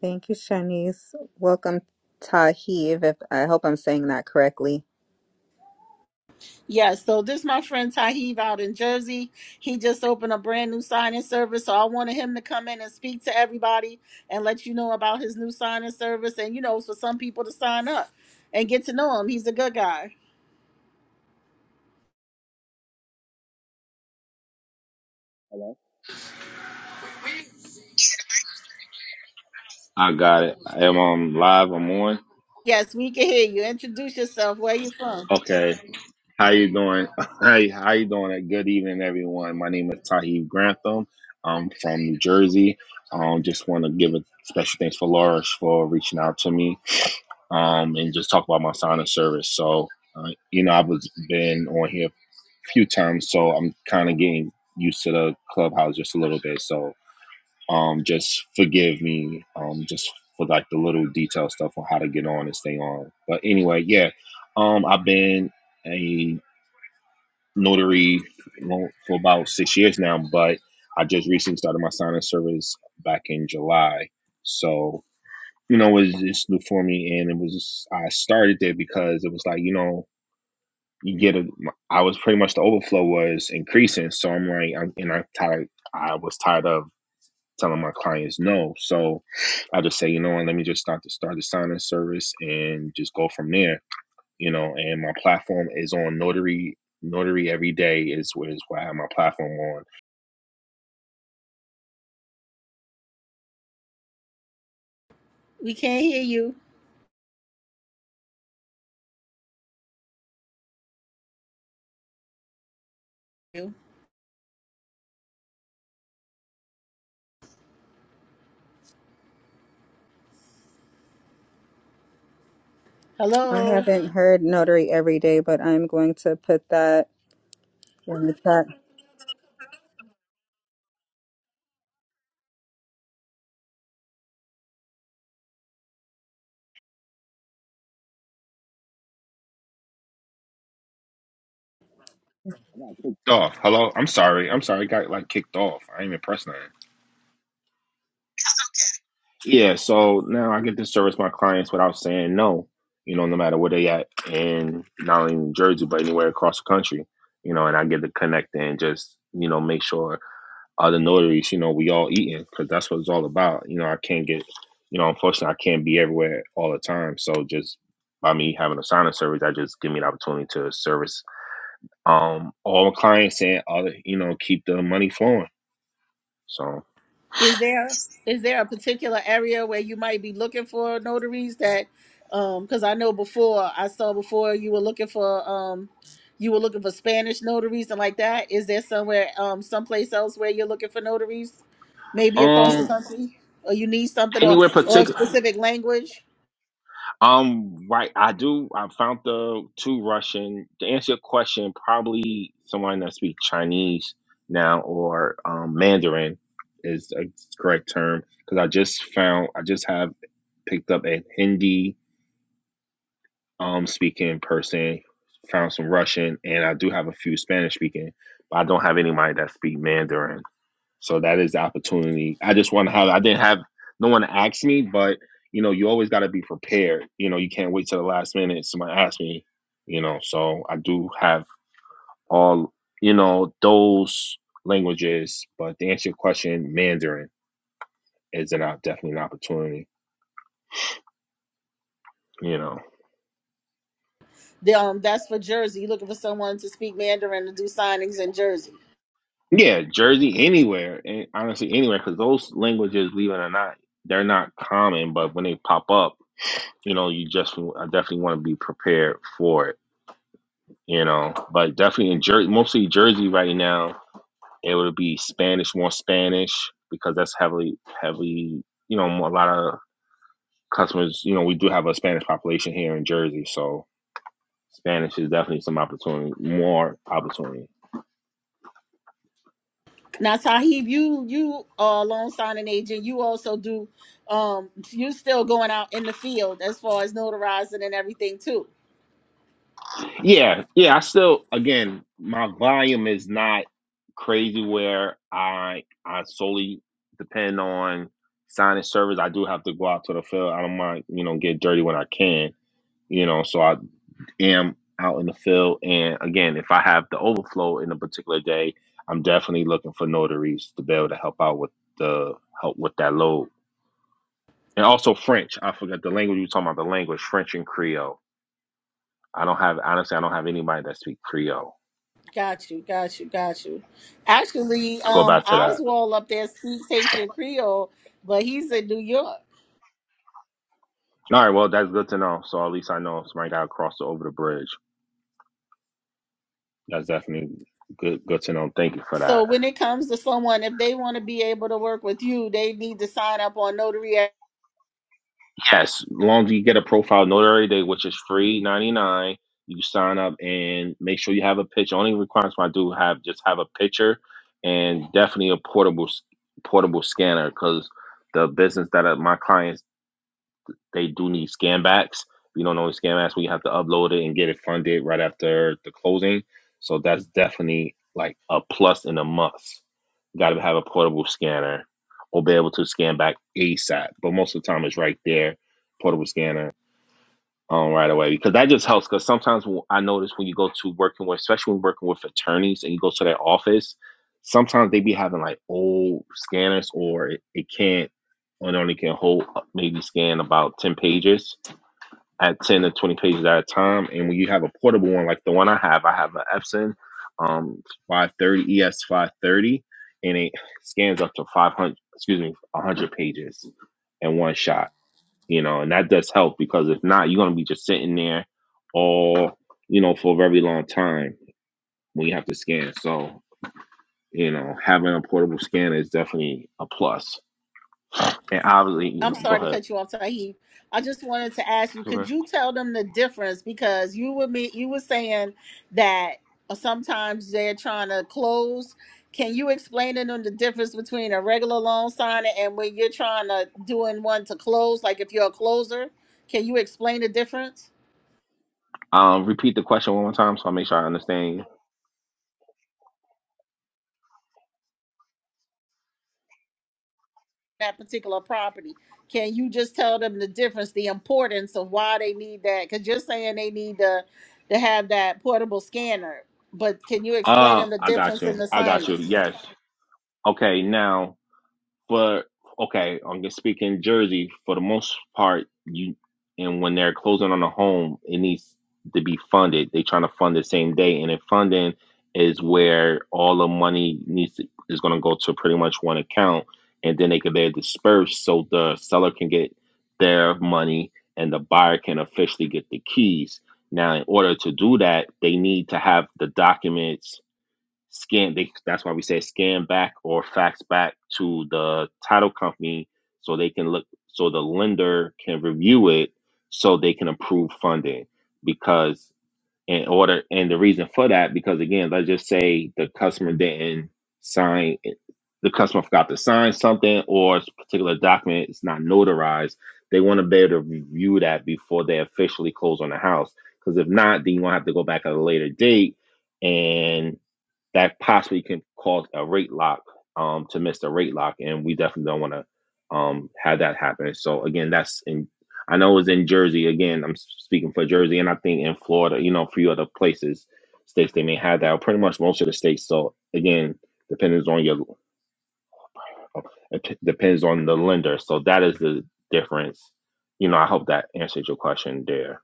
Speaker 2: Thank you, Shanice. Welcome Tahiv, if I hope I'm saying that correctly.
Speaker 3: Yes, so this my friend Tahib out in Jersey. He just opened a brand new signing service, so I wanted him to come in and speak to everybody and let you know about his new signing service, and you know, for some people to sign up and get to know him. He's a good guy.
Speaker 5: I got it. Am I live? I'm on.
Speaker 3: Yes, we can hear you. Introduce yourself. Where you from?
Speaker 5: Okay. How you doing? Hey, how you doing? Good evening, everyone. My name is Tahib Grantham. I'm from New Jersey. Um, just want to give a special thanks for Laura for reaching out to me. Um, and just talk about my sign of service. So, uh, you know, I've was- been on here a few times, so I'm kind of getting used to the clubhouse just a little bit. So, Um, just forgive me. Um, just for like the little detail stuff on how to get on and stay on. But anyway, yeah. Um, I've been a notary well, for about six years now, but I just recently started my signing service back in July. So you know, it was just new for me, and it was just, I started there because it was like you know you get a I was pretty much the overflow was increasing, so I'm like I'm, and I tired I was tired of telling my clients no. So I just say, you know what, let me just start to start the sign-in service and just go from there. You know, and my platform is on Notary. Notary every day is where is where I have my platform on.
Speaker 3: We can't hear you.
Speaker 2: I
Speaker 3: Hello.
Speaker 2: haven't heard Notary Every Day, but I'm going to put that in the chat.
Speaker 5: I got kicked off. Hello, I'm sorry. I'm sorry. I got like kicked off. I ain't even pressed nothing. Yeah, so now I get to service my clients without saying no. You know, no matter where they at, and not only in Jersey but anywhere across the country. You know, and I get to connect and just you know make sure uh, the notaries, you know, we all eating because that's what it's all about. You know, I can't get, you know, unfortunately, I can't be everywhere all the time. So just by me having a signing service, that just give me the opportunity to service um all my clients and other, you know, keep the money flowing. So
Speaker 3: Is there is there a particular area where you might be looking for notaries that um because I know before I saw before you were looking for um you were looking for Spanish notaries and like that. Is there somewhere um someplace else where you're looking for notaries? Maybe across the
Speaker 5: um
Speaker 3: country? Or you need something or
Speaker 5: anywhere
Speaker 3: or a
Speaker 5: particular
Speaker 3: specific language?
Speaker 5: um right I do I found the two Russian to answer your question probably someone that speaks Chinese now or um Mandarin is a correct term because I just found I just have picked up a Hindi um speaking person, found some Russian, and I do have a few Spanish speaking, but I don't have anybody that speak Mandarin. So that is the opportunity. I just want to have. I didn't have no one to ask me, but you know, you always got to be prepared. You know, you can't wait till the last minute. Somebody asks me. You know, so I do have all you know those languages. But to answer your question, Mandarin is an uh, definitely an opportunity. You know.
Speaker 3: The, um that's for Jersey. You're looking for someone to speak Mandarin to do signings in Jersey.
Speaker 5: Yeah, Jersey, anywhere, and honestly, anywhere, because those languages, believe it or not, they're not common. But when they pop up, you know, you just I definitely want to be prepared for it. You know, but definitely in Jersey, mostly Jersey right now, it would be Spanish, more Spanish, because that's heavily, heavily, you know, a lot of customers. You know, we do have a Spanish population here in Jersey, so Spanish is definitely some opportunity, more opportunity.
Speaker 3: Now, Sahib, you you are a loan signing agent. You also do. Um, you still going out in the field as far as notarizing and everything too.
Speaker 5: Yeah, yeah. I still, again, my volume is not crazy where I I solely depend on signing service. I do have to go out to the field. I don't mind, you know, get dirty when I can, you know. So I am out in the field, and again, if I have the overflow in a particular day, I'm definitely looking for notaries to be able to help out with the help with that load, and also French. I forgot the language you were talking about. The language French and Creole. I don't have honestly. I don't have anybody that speaks Creole.
Speaker 3: Got you, got you, got you. Actually,
Speaker 5: go
Speaker 3: um,
Speaker 5: back to that.
Speaker 3: Oswald up there speaks Haitian Creole, but he's in New York.
Speaker 5: All right, well, that's good to know. So at least I know somebody got crossed over the bridge. That's definitely good. Good to know. Thank you for
Speaker 3: So
Speaker 5: that.
Speaker 3: when it comes to someone, if they want to be able to work with you, they need to sign up on Notary.
Speaker 5: Yes, long as you get a profile notary day, which is free ninety nine. You sign up and make sure you have a picture. Only requirements I do have just have a picture and definitely a portable s- portable scanner because the business that uh, my clients they do need scan backs. you don't know what scan backs, we have to upload it and get it funded right after the closing. So that's definitely like a plus and a must. Got to have a portable scanner or be able to scan back ASAP. But most of the time, it's right there, portable scanner um, right away because that just helps. Because sometimes w- I notice when you go to working with, especially when working with attorneys and you go to their office, sometimes they be having like old scanners or it, it can't or it only can hold uh, maybe scan about 10 pages at 10 to 20 pages at a time. And when you have a portable one like the one I have, I have an Epson um, 530 ES 530 and it scans up to 500, excuse me, 100 pages in one shot you know, and that does help because if not, you're gonna be just sitting there all, you know, for a very long time when you have to scan. So, you know, having a portable scanner is definitely a plus. And obviously, you
Speaker 3: I'm
Speaker 5: know, go
Speaker 3: sorry to
Speaker 5: ahead.
Speaker 3: cut you off, Tahib. I just wanted to ask you, could
Speaker 5: Okay.
Speaker 3: you tell them the difference? Because you were me, you were saying that uh, sometimes they're trying to close. Can you explain to them the difference between a regular loan signer and when you're trying to doing one to close? Like if you're a closer, can you explain the difference?
Speaker 5: Um, repeat the question one more time so I make sure I understand you.
Speaker 3: that particular property. Can you just tell them the difference, the importance of why they need that? Because you're saying they need to to have that portable scanner, but can you explain
Speaker 5: Uh,
Speaker 3: them the
Speaker 5: I got
Speaker 3: difference in
Speaker 5: you.
Speaker 3: the
Speaker 5: I got you.
Speaker 3: signage?
Speaker 5: Yes. Okay, now for okay, I'm gonna speak in Jersey for the most part. You and when they're closing on a home, it needs to be funded. They're trying to fund the same day, and if funding is where all the money needs to, is going to go to pretty much one account, and then they can be dispersed so the seller can get their money and the buyer can officially get the keys. Now, in order to do that, they need to have the documents scan they that's why we say scan back or fax back to the title company so they can look so the lender can review it so they can approve funding because in order and the reason for that because again let's just say the customer didn't sign the customer forgot to sign something or a particular document is not notarized they want to be able to review that before they officially close on the house because if not then you're going to have to go back at a later date and that possibly can cause a rate lock um, to miss the rate lock, and we definitely don't want to um, have that happen. So again, that's in. I know it's in Jersey. Again, I'm speaking for Jersey, and I think in Florida, you know, a few other places, states they may have that. Or pretty much most of the states. So again, depends on your it depends on the lender. So that is the difference. You know, I hope that answers your question there.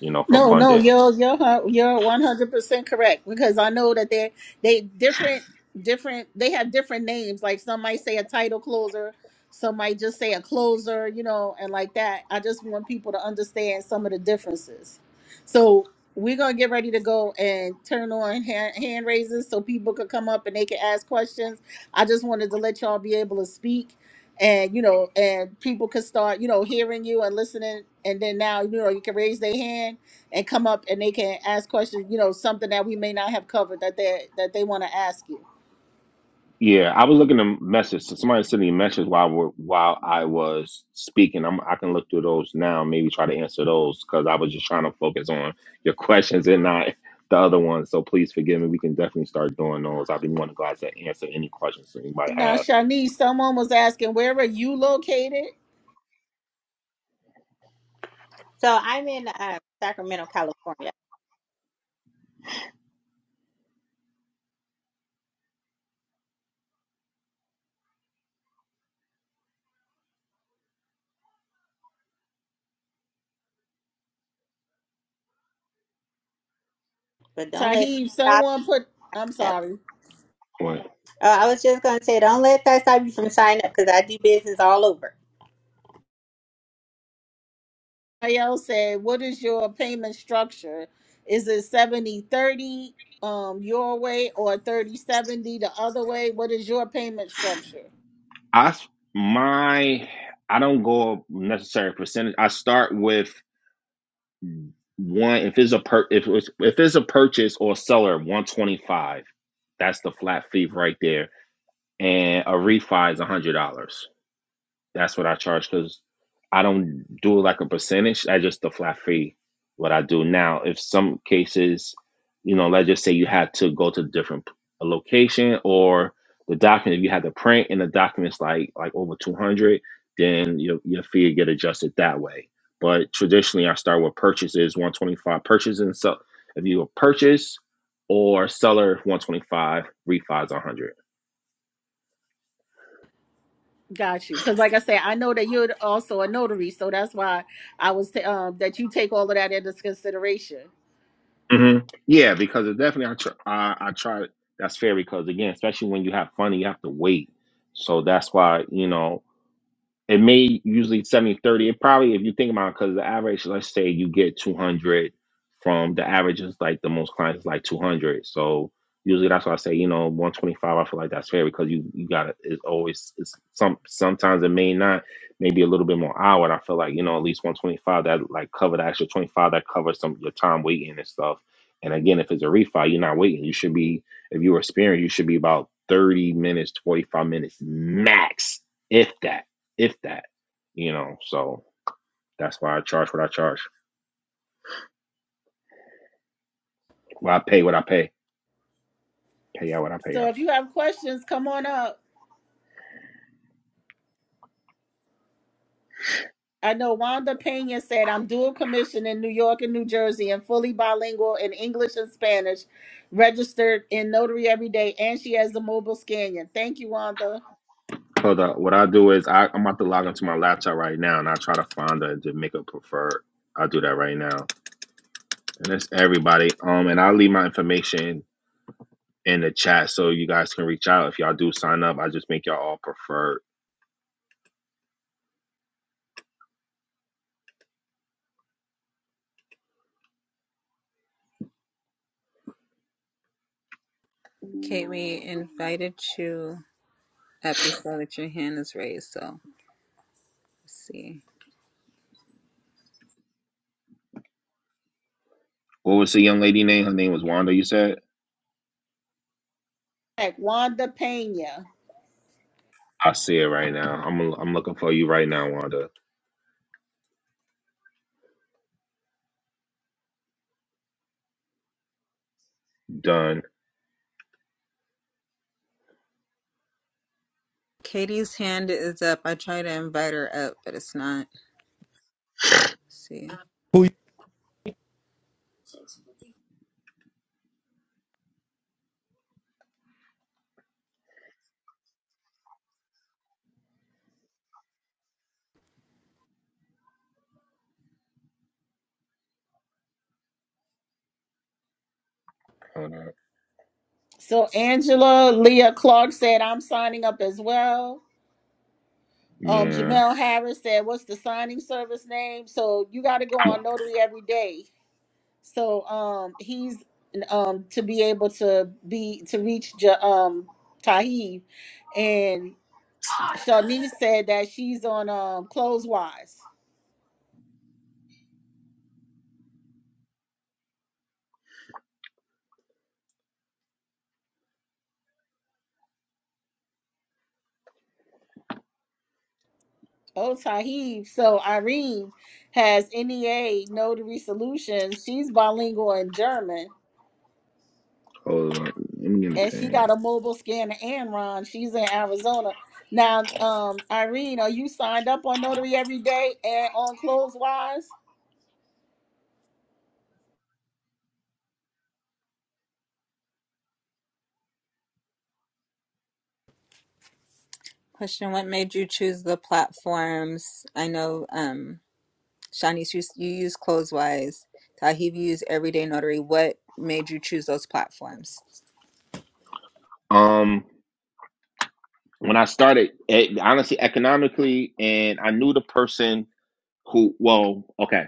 Speaker 5: You know, for
Speaker 3: No, no,
Speaker 5: funding.
Speaker 3: you're you're hu- you're one hundred percent correct because I know that they they different different they have different names. Like some might say a title closer, some might just say a closer, you know, and like that. I just want people to understand some of the differences. So we're gonna get ready to go and turn on hand, hand raises so people could come up and they can ask questions. I just wanted to let y'all be able to speak and you know, and people could start you know hearing you and listening, and then now you know you can raise their hand and come up and they can ask questions, you know, something that we may not have covered that they that they want to ask you.
Speaker 5: Yeah, I was looking at message. So somebody sent me a message while we're, while I was speaking. I'm, I can look through those now. Maybe try to answer those because I was just trying to focus on your questions and not the other ones. So please forgive me. We can definitely start doing those. I'd be more than glad to answer any questions that anybody
Speaker 3: Now,
Speaker 5: have.
Speaker 3: Shanice, someone was asking, where are you located?
Speaker 4: So I'm in uh, Sacramento, California, but don't let that
Speaker 3: Tahib,
Speaker 4: stop
Speaker 3: someone put I'm
Speaker 4: that.
Speaker 3: sorry.
Speaker 5: But
Speaker 4: Uh, I was just gonna say, don't let that stop you from signing up because I do business all over.
Speaker 3: Ayel said, what is your payment structure? Is it seventy thirty um your way or thirty seventy the other way? What is your payment structure?
Speaker 5: I s- my I don't go necessary percentage. I start with one if it's a per if it's if it's a purchase or a seller 125. That's the flat fee right there and a refi is a hundred dollars. That's what I charge because I don't do like a percentage. I just the flat fee. What I do now, if some cases, you know, let's just say you had to go to a different p- a location or the document, if you had to print and the documents like like over two hundred, then your your fee would get adjusted that way. But traditionally, I start with purchases one twenty five purchases and so if you a purchase or seller one twenty five refi refi's hundred.
Speaker 3: Got you. Because like I said, I know that you're also a notary, so that's why I was t- um that you take all of that into consideration.
Speaker 5: hmm Yeah, because it definitely I try, I, I try. That's fair because again, especially when you have fun, you have to wait. So that's why you know it may usually 70 30. It probably, if you think about it, because the average, let's say you get 200 from the average is like the most clients is like 200. So usually that's why I say, you know, 125, I feel like that's fair because you, you got to, it's always, it's some, sometimes it may not, maybe a little bit more hour. And I feel like, you know, at least 125 that like cover the extra 25 that covers some your time waiting and stuff. And again, if it's a refi, you're not waiting. You should be, if you're experienced, you should be about 30 minutes, 45 minutes max, if that if that, you know. So that's why I charge what I charge. Well, I pay what I pay. Pay out what I pay
Speaker 3: So
Speaker 5: out.
Speaker 3: if you have questions, come on up. I know Wanda Pena said, I'm dual commissioned in New York and New Jersey and fully bilingual in English and Spanish, registered in Notary every day, and she has a mobile scanner. Thank you, Wanda.
Speaker 5: Hold up. What I do is I, I'm about to log into my laptop right now, and I try to find a Jamaica preferred. I'll do that right now, and that's everybody. Um, and I'll leave my information in the chat so you guys can reach out if y'all do sign up. I just make y'all all preferred.
Speaker 2: Kate, we invited you up. We saw that your hand is raised, so let's see.
Speaker 5: What was the young lady name? Her name was Wanda. You said.
Speaker 3: Like Wanda Pena.
Speaker 5: I see it right now. I'm I'm looking for you right now, Wanda. Done.
Speaker 2: Katie's hand is up. I try to invite her up, but it's not. Let's see.
Speaker 5: Hold up.
Speaker 3: So Angela Leah Clark said, I'm signing up as well. Um,
Speaker 5: Yeah.
Speaker 3: Jamel Harris said, What's the signing service name? So you got to go
Speaker 5: I'm-
Speaker 3: on Notary every day So um, he's um to be able to be to reach Ja um Tahib, and Shawnee said that she's on um clothes wise. Oh Tahib, so Irene has NEA notary solutions. She's bilingual in German,
Speaker 5: Hold on. Let me get a
Speaker 3: and she
Speaker 5: pen.
Speaker 3: got a mobile scanner. And Ron, she's in Arizona. Now, um, Irene, are you signed up on Notary every day and on Clothes Wise?
Speaker 2: Question What made you choose the platforms? I know, um, Shanice, you, you use Closewise. Tahib, you use Everyday Notary. What made you choose those platforms?
Speaker 5: Um, when I started, eh, honestly, economically, and I knew the person who. Well, okay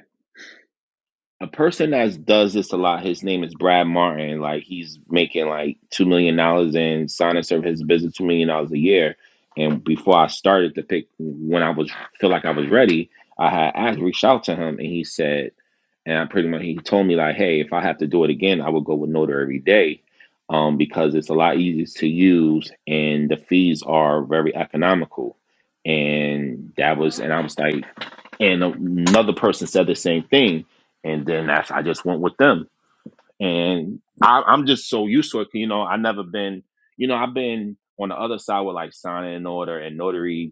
Speaker 5: a person that does this a lot, his name is Brad Martin. Like he's making like two million dollars in sign and serve his business two million dollars a year. And before I started to pick when I was feel like I was ready, I had asked reached out to him and he said, and I pretty much he told me like, hey, if I have to do it again, I would go with Notar every day, um, because it's a lot easier to use and the fees are very economical. And that was, and I was like, and another person said the same thing, and then that's I just went with them, and I, I'm just so used to it. You know, I never been, you know, I've been on the other side with like signing an order and notary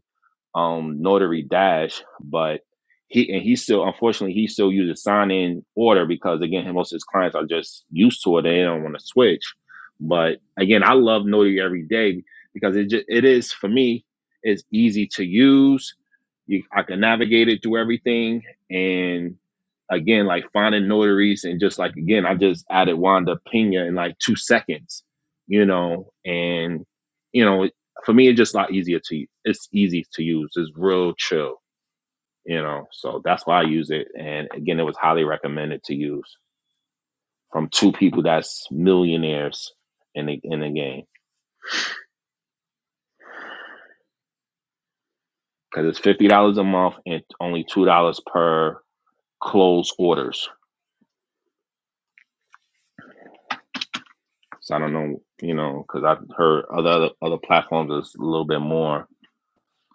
Speaker 5: um notary dash but he and he still unfortunately he still uses sign in order because again most of his clients are just used to it they don't want to switch but again i love notary every day because it just it is for me it's easy to use you, i can navigate it through everything and again like finding notaries and just like again i just added wanda pena in like two seconds you know and you know for me, it's just a lot easier to it's easy to use. It's real chill, you know. So that's why I use it. And again, it was highly recommended to use from two people that's millionaires in the in the game because it's fifty dollars a month and only two dollars per closed orders. So I don't know, you know, because I've heard other other, other platforms is a little bit more.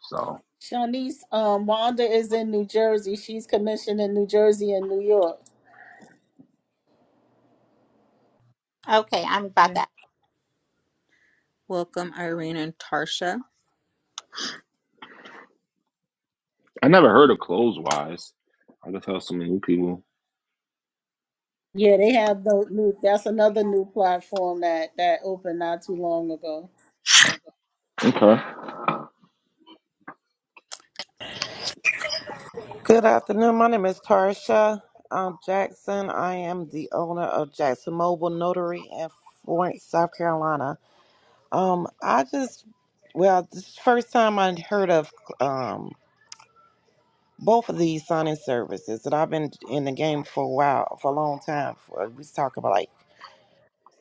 Speaker 5: So
Speaker 3: Shawnee's um, Wanda is in New Jersey. She's commissioned in New Jersey and New York.
Speaker 4: Okay, I'm
Speaker 2: And
Speaker 4: about to
Speaker 2: then Welcome, Irene and Tarsha.
Speaker 5: I never heard of close wise. I can tell some new people.
Speaker 3: Yeah, they have the new. That's another new platform that that opened not too long ago.
Speaker 5: Okay.
Speaker 6: Good afternoon. My name is Tarsha uh, Jackson. I am the owner of Jackson Mobile Notary in Florence, South Carolina. Um, I just, well, this is the first time I heard of um, both of these signing services, and I've been in the game for a while, for a long time. For, we talk about like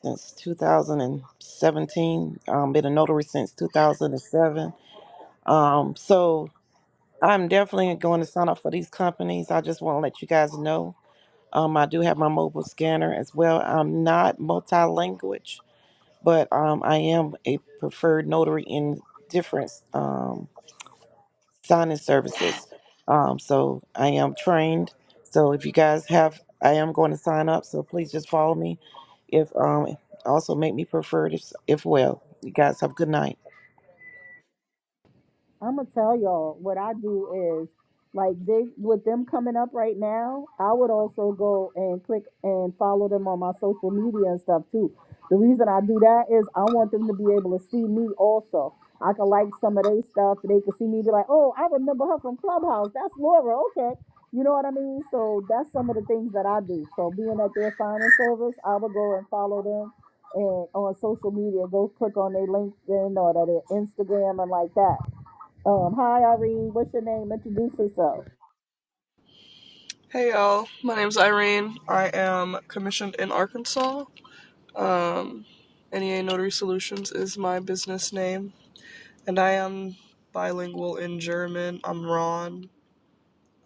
Speaker 6: since 2017. Um, been a notary since 2007. Um, so I'm definitely going to sign up for these companies. I just want to let you guys know. Um, I do have my mobile scanner as well. I'm not multi-language, but um, I am a preferred notary in different um, signing services. Um, so I am trained. So if you guys have, I am going to sign up. So please just follow me. If um, also make me preferred if, if well. You guys have a good night.
Speaker 3: I'm gonna tell y'all what I do is like they with them coming up right now. I would also go and click and follow them on my social media and stuff too. The reason I do that is I want them to be able to see me also. I can like some of their stuff. They can see me be like, oh, I remember her from Clubhouse. That's Laura. Okay. You know what I mean? So that's some of the things that I do. So being at their signing service, I would go and follow them and on social media, go click on their LinkedIn or their Instagram and like that um, hi Irene, what's your name? Introduce yourself.
Speaker 7: Hey y'all, my name's Irene. I am commissioned in Arkansas. Um, NEA Notary Solutions is my business name, and I am bilingual in German. I'm Ron.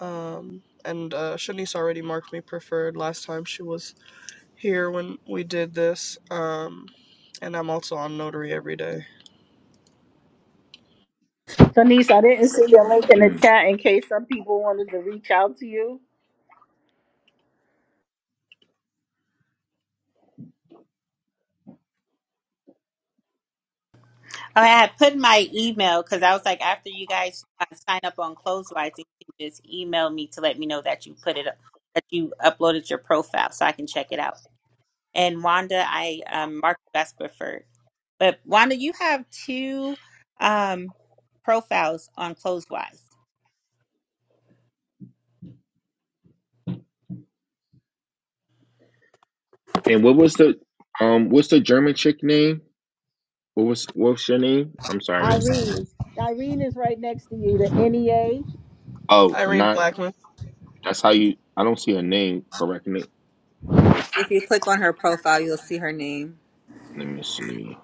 Speaker 7: Um, and uh, Shanice already marked me preferred last time she was here when we did this. Um, and I'm also on Notary every day.
Speaker 3: Shanice, I didn't see your link in the
Speaker 5: Hmm.
Speaker 3: chat in case some people wanted to reach out to you.
Speaker 4: I had put my email because I was like, after you guys uh, sign up on Closewise, you can just email me to let me know that you put it up, that you uploaded your profile so I can check it out. And Wanda, I um, marked you as preferred. But Wanda, you have two um, profiles on Closewise.
Speaker 5: And what was the um what's the German chick name? What was what's your name? I'm sorry.
Speaker 3: Irene, Irene is right next to you, the NEA,
Speaker 5: Oh,
Speaker 7: Irene
Speaker 5: not
Speaker 7: Blackman.
Speaker 5: that's how you I don't see a name correcting it.
Speaker 2: If you click on her profile, you'll see her name.
Speaker 5: Let me see.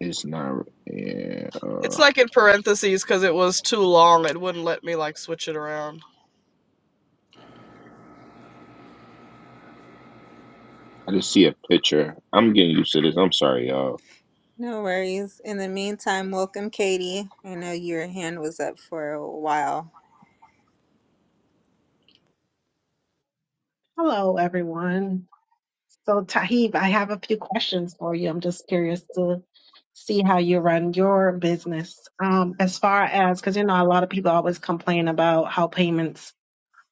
Speaker 5: It's not yeah,
Speaker 7: It's
Speaker 5: uh
Speaker 7: like in parentheses because it was too long. It wouldn't let me like switch it around.
Speaker 5: I just see a picture. I'm getting used to this. I'm sorry, y'all.
Speaker 2: No worries. In the meantime, welcome, Katie. I know your hand was up for a while.
Speaker 8: Hello, everyone. So, Tahib, I have a few questions for you. I'm just curious to see how you run your business. Um, as far as, because you know, a lot of people always complain about how payments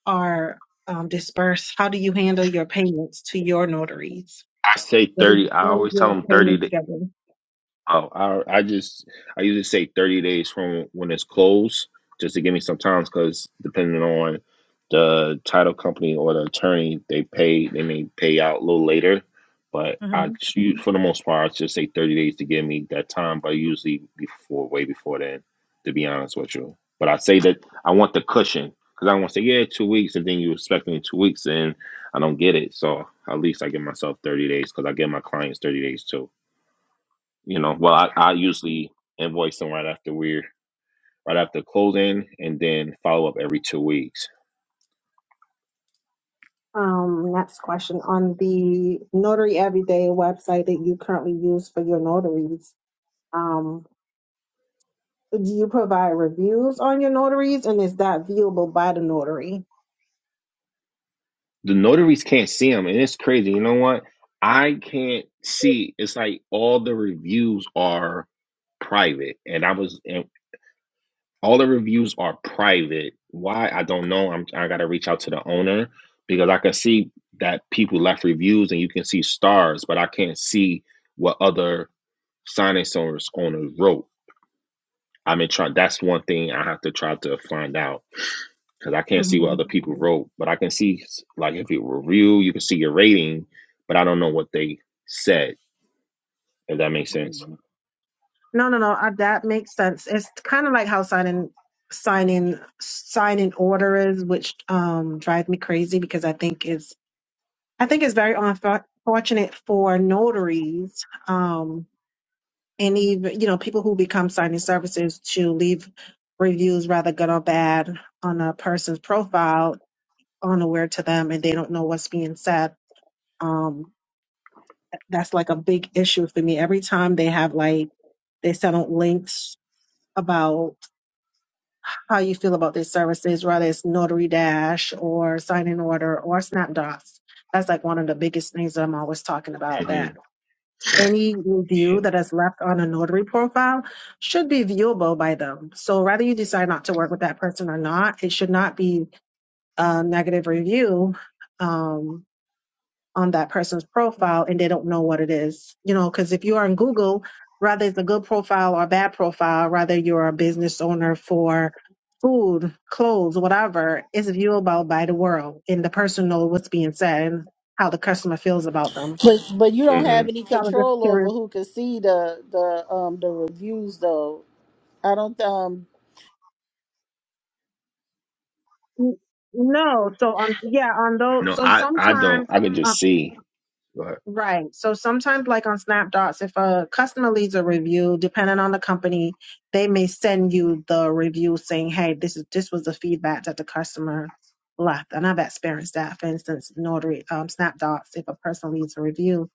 Speaker 8: are um, dispersed. How do you handle your payments to your notaries?
Speaker 5: I say
Speaker 8: What is,
Speaker 5: thirty. I
Speaker 8: what is
Speaker 5: always tell
Speaker 8: your
Speaker 5: them 30
Speaker 8: payment
Speaker 5: to
Speaker 8: schedule?
Speaker 5: Oh, I I just I usually say thirty days from when it's closed, just to give me some time, because depending on the title company or the attorney, they pay they may pay out a little later, but I
Speaker 8: hmm
Speaker 5: choose for the most part, I just say thirty days to give me that time, but usually before way before then, to be honest with you. But I say that I want the cushion because I don't want to say yeah two weeks and then you expect me in two weeks and I don't get it, so at least I give myself thirty days because I give my clients thirty days too you know, well, I, I usually invoice them right after we're right after closing, and then follow up every two weeks.
Speaker 8: Um, next question on the Notary Everyday website that you currently use for your notaries. um, Do you provide reviews on your notaries, and is that viewable by the notary?
Speaker 5: The notaries can't see them, and it's crazy. You know what? I can't see. It's like all the reviews are private, and I was and all the reviews are private. Why? I don't know. I'm I gotta reach out to the owner because I can see that people left reviews, and you can see stars, but I can't see what other signing owners owners wrote. I'm in try. That's one thing I have to try to find out because I can't see what
Speaker 8: hmm
Speaker 5: other people wrote, but I can see like if it were real, you can see your rating, but I don't know what they said. If that makes sense.
Speaker 8: No, no, no. Uh, that makes sense. It's kind of like how signing signing signing order is, which um drives me crazy because I think it's I think it's very unfortunate for notaries, um, and even you know people who become signing services to leave reviews, rather good or bad, on a person's profile unaware to them, and they don't know what's being said. Um, that's like a big issue for me. Every time they have like they send out links about how you feel about their services, whether it's Notary Dash or Sign in Order or SnapDocs. That's like one of the biggest things that I'm always talking about.
Speaker 5: hmm
Speaker 8: That any review that is left on a notary profile should be viewable by them. So whether you decide not to work with that person or not, it should not be a negative review. Um, on that person's profile and they don't know what it is. You know, because if you are in Google, rather it's a good profile or a bad profile, rather you're a business owner for food, clothes, whatever, it's viewable by the world and the person knows what's being said and how the customer feels about them.
Speaker 3: but but you don't
Speaker 5: hmm
Speaker 3: have any
Speaker 8: So I was just
Speaker 3: control over
Speaker 8: curious.
Speaker 3: who can see the the um the reviews though. I don't um.
Speaker 8: No, so on, yeah, on those,
Speaker 5: No,
Speaker 8: so
Speaker 5: I I don't.
Speaker 8: sometimes.
Speaker 5: I can just see, but
Speaker 8: Right. So sometimes, like on Snapdots, if a customer leaves a review, depending on the company, they may send you the review saying, "Hey, this is this was the feedback that the customer left." And I've experienced that. For instance, Notary um, Snapdots, if a person leaves a review,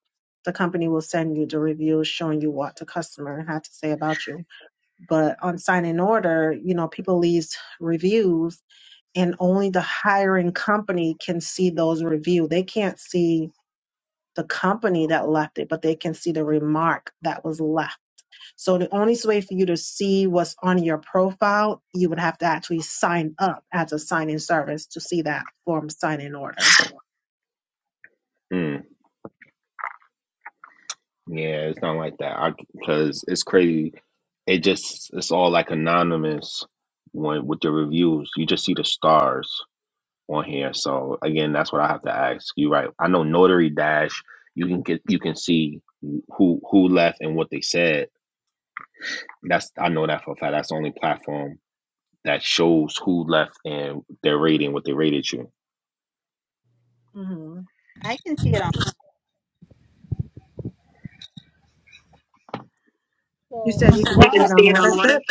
Speaker 8: the company will send you the review showing you what the customer had to say about you. But on Sign in Order, you know, people leave reviews, and only the hiring company can see those reviews. They can't see the company that left it, but they can see the remark that was left. So the only way for you to see what's on your profile, you would have to actually sign up as a sign-in service to see that form sign-in order.
Speaker 5: mm, yeah, it's not like that. I because it's crazy. It just it's all like anonymous when with the reviews. You just see the stars. on here. So again, that's what I have to ask you. Right? I know Notary Dash. You can get you can see who who left and what they said. That's I know that for a fact. That's the only platform that shows who left and their rating, what they rated you.
Speaker 8: hmm
Speaker 4: I can see it on.
Speaker 8: You
Speaker 3: So We
Speaker 8: said you can
Speaker 3: why
Speaker 8: see
Speaker 3: while
Speaker 8: it on what is it?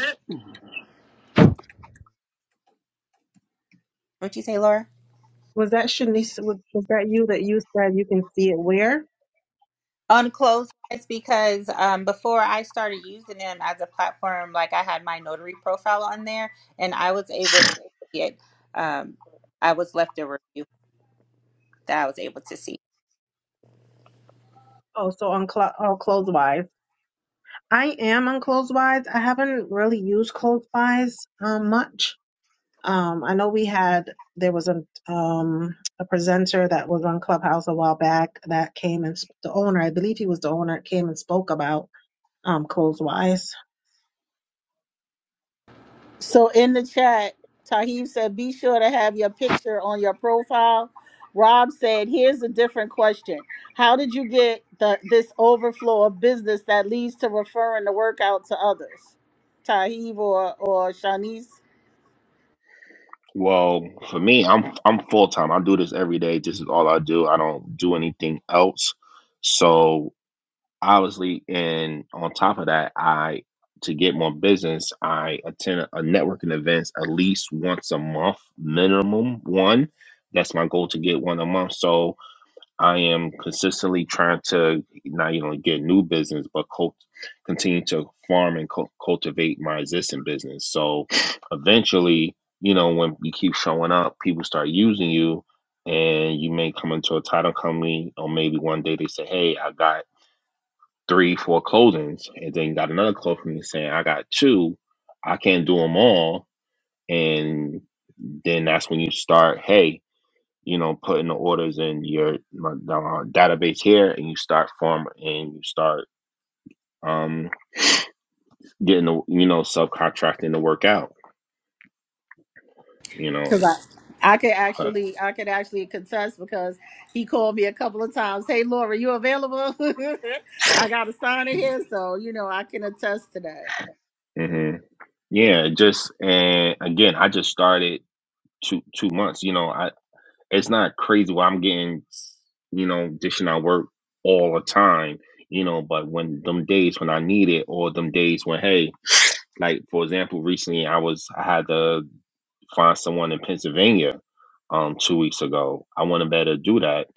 Speaker 4: What'd you say, Laura?
Speaker 8: Was that Shanice? Was was that you that you said you can see it where?
Speaker 4: on clothes sites because um, before I started using them as a platform, like I had my notary profile on there, and I was able to see it. Um, I was left a review that I was able to see.
Speaker 8: Oh, so on cl- oh, Clothes-Wise. I am on Clothes-Wise. I haven't really used Clothes-Wise um, much. Um, I know we had there was a um, a presenter that was on Clubhouse a while back that came and sp- the owner, I believe he was the owner, came and spoke about um, Closewise.
Speaker 3: So in the chat, Tahib said, be sure to have your picture on your profile. Rob said, here's a different question. How did you get the this overflow of business that leads to referring the workout to others? Tahib or or Shanice?
Speaker 5: Well, for me, I'm I'm full time. I do this every day. This is all I do. I don't do anything else. So obviously, and on top of that, I to get more business, I attend a networking events at least once a month, minimum one. That's my goal to get one a month. So I am consistently trying to not only get new business, but cult- continue to farm and cul- cultivate my existing business. So eventually, you know, when you keep showing up, people start using you, and you may come into a title company, or maybe one day they say, "Hey, I got." three, four closings, and then got another call from me saying, I got two, I can't do them all. And then that's when you start, hey, you know, putting the orders in your my, uh, database here, and you start forming, and you start um, getting the you know subcontracting to work out, you know.
Speaker 3: Because I I could actually I could actually contest because he called me a couple of times. Hey Laura, you available? I got a sign in here, so you know I can attest to that.
Speaker 5: hmm Yeah, just and again, I just started two two months. You know, I. it's not crazy where I'm getting, you know, dishing out work all the time, you know, but when them days when I need it or them days when, hey, like for example, recently I was I had to find someone in Pennsylvania um two weeks ago. I wouldn't have able to do that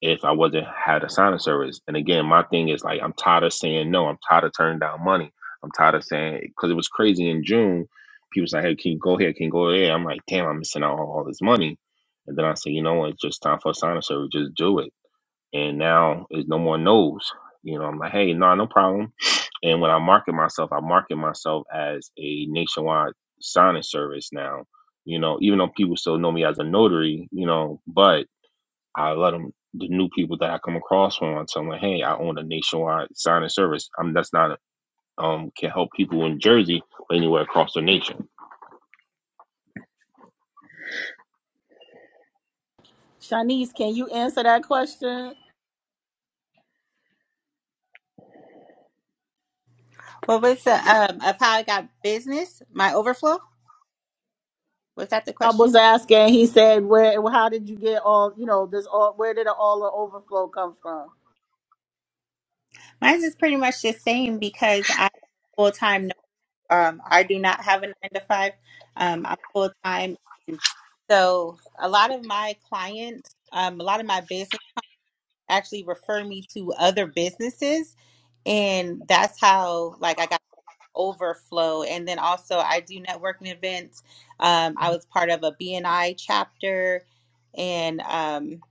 Speaker 5: if I wasn't had a signing service. And again, my thing is like I'm tired of saying no. I'm tired of turning down money. I'm tired of saying because it was crazy in June. People say, "Hey, can you go here? Can you go there?" I'm like, "Damn, I'm missing out on all this money." And then I say, "You know what? It's just time for a signing service. Just do it." and now it's no more no's. You know, I'm like, hey, no, nah, no problem. And when I market myself, I market myself as a nationwide signing service now. You know, even though people still know me as a notary, you know, but I let them the new people that I come across from I tell them, hey, I own a nationwide signing service. I'm that's not um can help people in Jersey but anywhere across the nation.
Speaker 3: Shanice, can you answer that question?
Speaker 4: What was the um, of how I got business? My overflow was that the
Speaker 3: I was
Speaker 4: question?
Speaker 3: asking. He said, "Where? How did you get all? You know, this all? Where did all the overflow come from?
Speaker 4: Mine is pretty much the same because I full time. Um, I do not have a nine to five. Um, I'm full time, so a lot of my clients, um, a lot of my business. actually refer me to other businesses and that's how like i got overflow and then also i do networking events um, i was part of a bni chapter and um,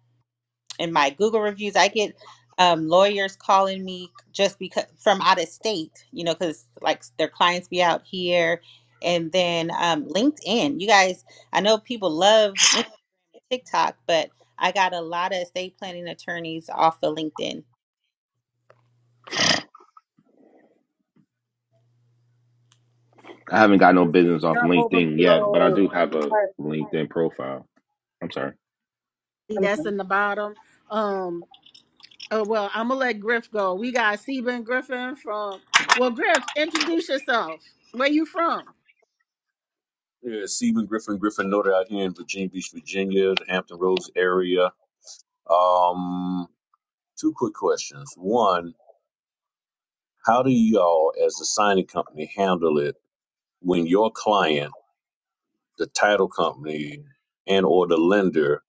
Speaker 4: in my Google reviews. I get um, lawyers calling me just because from out of state, you know, because like their clients be out here. And then um, LinkedIn, you guys, I know people love Instagram TikTok, but I got a lot of estate planning attorneys off of LinkedIn.
Speaker 5: I haven't got
Speaker 8: So
Speaker 5: no business off
Speaker 8: Your
Speaker 5: LinkedIn yet, but I
Speaker 8: overflow.
Speaker 5: do have a
Speaker 8: or-
Speaker 5: LinkedIn profile. I'm sorry.
Speaker 3: See,
Speaker 8: I'm
Speaker 3: That's
Speaker 8: sorry.
Speaker 3: in the bottom. Um. Oh well, I'm gonna let Griff go. We got Stephen Griffin from. Well, Griff, introduce yourself. Where you from?
Speaker 9: Yeah, Stephen Griffin, Griffin Noted out here in Virginia Beach, Virginia, the Hampton Roads area. Um, two quick questions. One, how do y'all, as the signing company, handle it when your client, the title company, and or the lender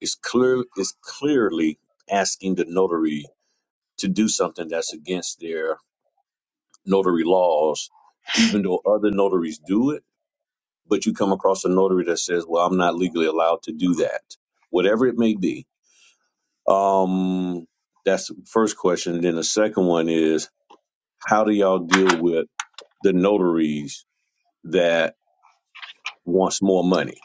Speaker 9: is clear is clearly asking the notary to do something that's against their notary laws, even though other notaries do it, but you come across a notary that says, "Well, I'm not legally allowed to do that," whatever it may be Um, that's the first question. And then the second one is, how do y'all deal with the notaries that wants more money?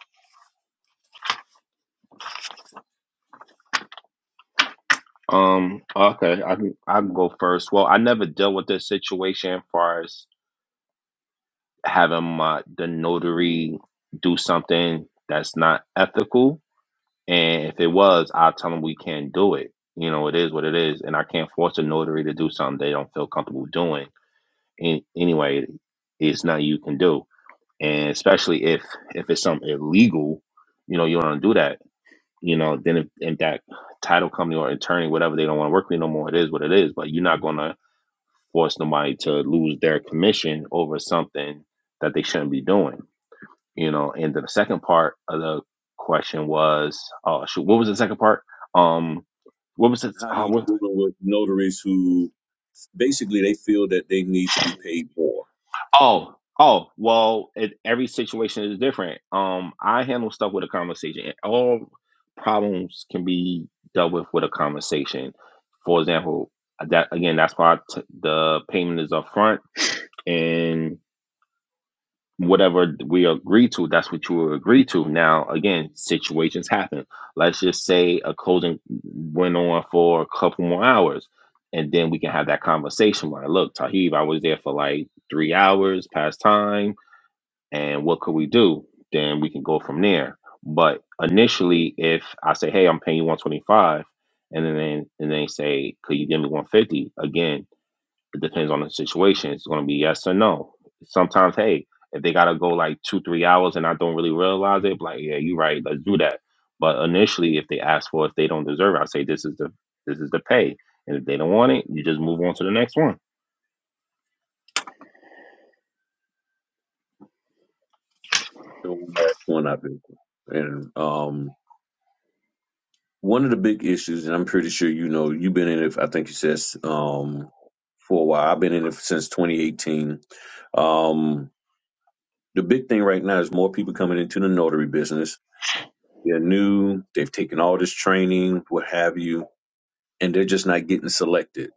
Speaker 5: Um, okay, I can I can go first. Well, I never dealt with this situation as far as having my the notary do something that's not ethical. And if it was, I'll tell them we can't do it. You know, it is what it is, and I can't force a notary to do something they don't feel comfortable doing. And anyway, it's nothing you can do. And especially if if it's something illegal, you know, you don't do that. You know, then if, if that title company or attorney, whatever, they don't want to work with you no more, it is what it is. But you're not gonna force nobody to lose their commission over something that they shouldn't be doing. You know, and the second part of the question was, oh shoot, what was the second part? Um, what was it?
Speaker 9: How do
Speaker 5: Uh,
Speaker 9: you
Speaker 5: what,
Speaker 9: deal with notaries who basically they feel that they need to be paid more?
Speaker 5: oh, oh, well, it, every situation is different. Um, I handle stuff with a conversation. All problems can be dealt with with a conversation. For example, that again, that's why I t- the payment is upfront and whatever we agree to, that's what you will agree to. Now, again, situations happen. Let's just say a closing went on for a couple more hours, and then we can have that conversation. Like, look, Tahib, I was there for like three hours past time, and what could we do? Then we can go from there. But initially, if I say, hey, I'm paying you 125, and then and they say, could you give me 150? Again, it depends on the situation. It's going to be yes or no. Sometimes, hey, if they got to go like two, three hours and I don't really realize it, like, yeah, you're right. Let's do that. But initially, if they ask for it, if they don't deserve it, I say this is the this is the pay. And if they don't want it, you just move on to the next one.
Speaker 9: The that's one I've been through. And um, one of the big issues, and I'm pretty sure you know, you've been in it. I think you said um, for a while. I've been in it since 2018. Um, the big thing right now is more people coming into the notary business. They're new, they've taken all this training, what have you, and they're just not getting selected.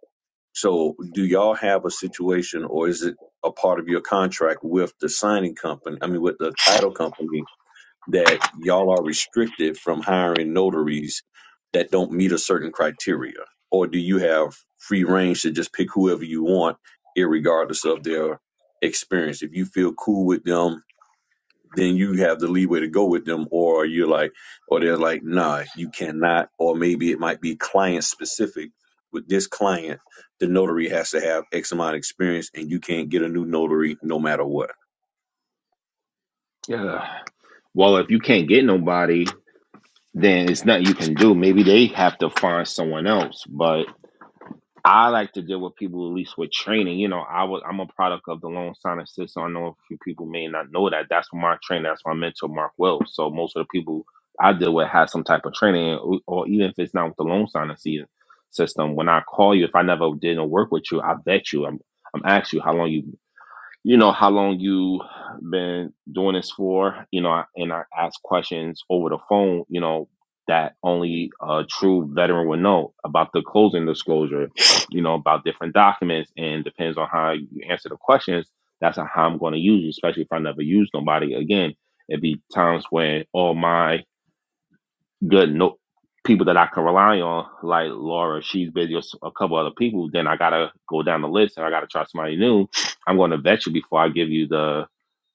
Speaker 9: So, do y'all have a situation or is it a part of your contract with the signing company, I mean, with the title company, that y'all are restricted from hiring notaries that don't meet a certain criteria? Or do you have free range to just pick whoever you want, irregardless of their experience? If you feel cool with them, then you have the leeway to go with them or you're like or they're like nah you cannot or maybe it might be client specific with this client the notary has to have x amount of experience and you can't get a new notary no matter what
Speaker 5: Yeah. Well, if you can't get nobody, then it's nothing you can do. Maybe they have to find someone else. But I like to deal with people at least with training. You know, I was I'm a product of the loan sign system. I know a few people may not know that. That's my trainer. That's my mentor, Mark Wells. So most of the people I deal with have some type of training, or, or even if it's not with the loan sign assist system. When I call you, if I never didn't work with you, I vet you. I'm I'm ask you how long you you know how long you been doing this for you know and i ask questions over the phone you know that only a true veteran would know about the closing disclosure you know about different documents and depends on how you answer the questions that's how i'm going to use you especially if i never use nobody again it'd be times when all my good no people that I can rely on, like Laura, she's busy or s- a couple other people, then I gotta go down the list and I gotta try somebody new. I'm gonna vet you before I give you the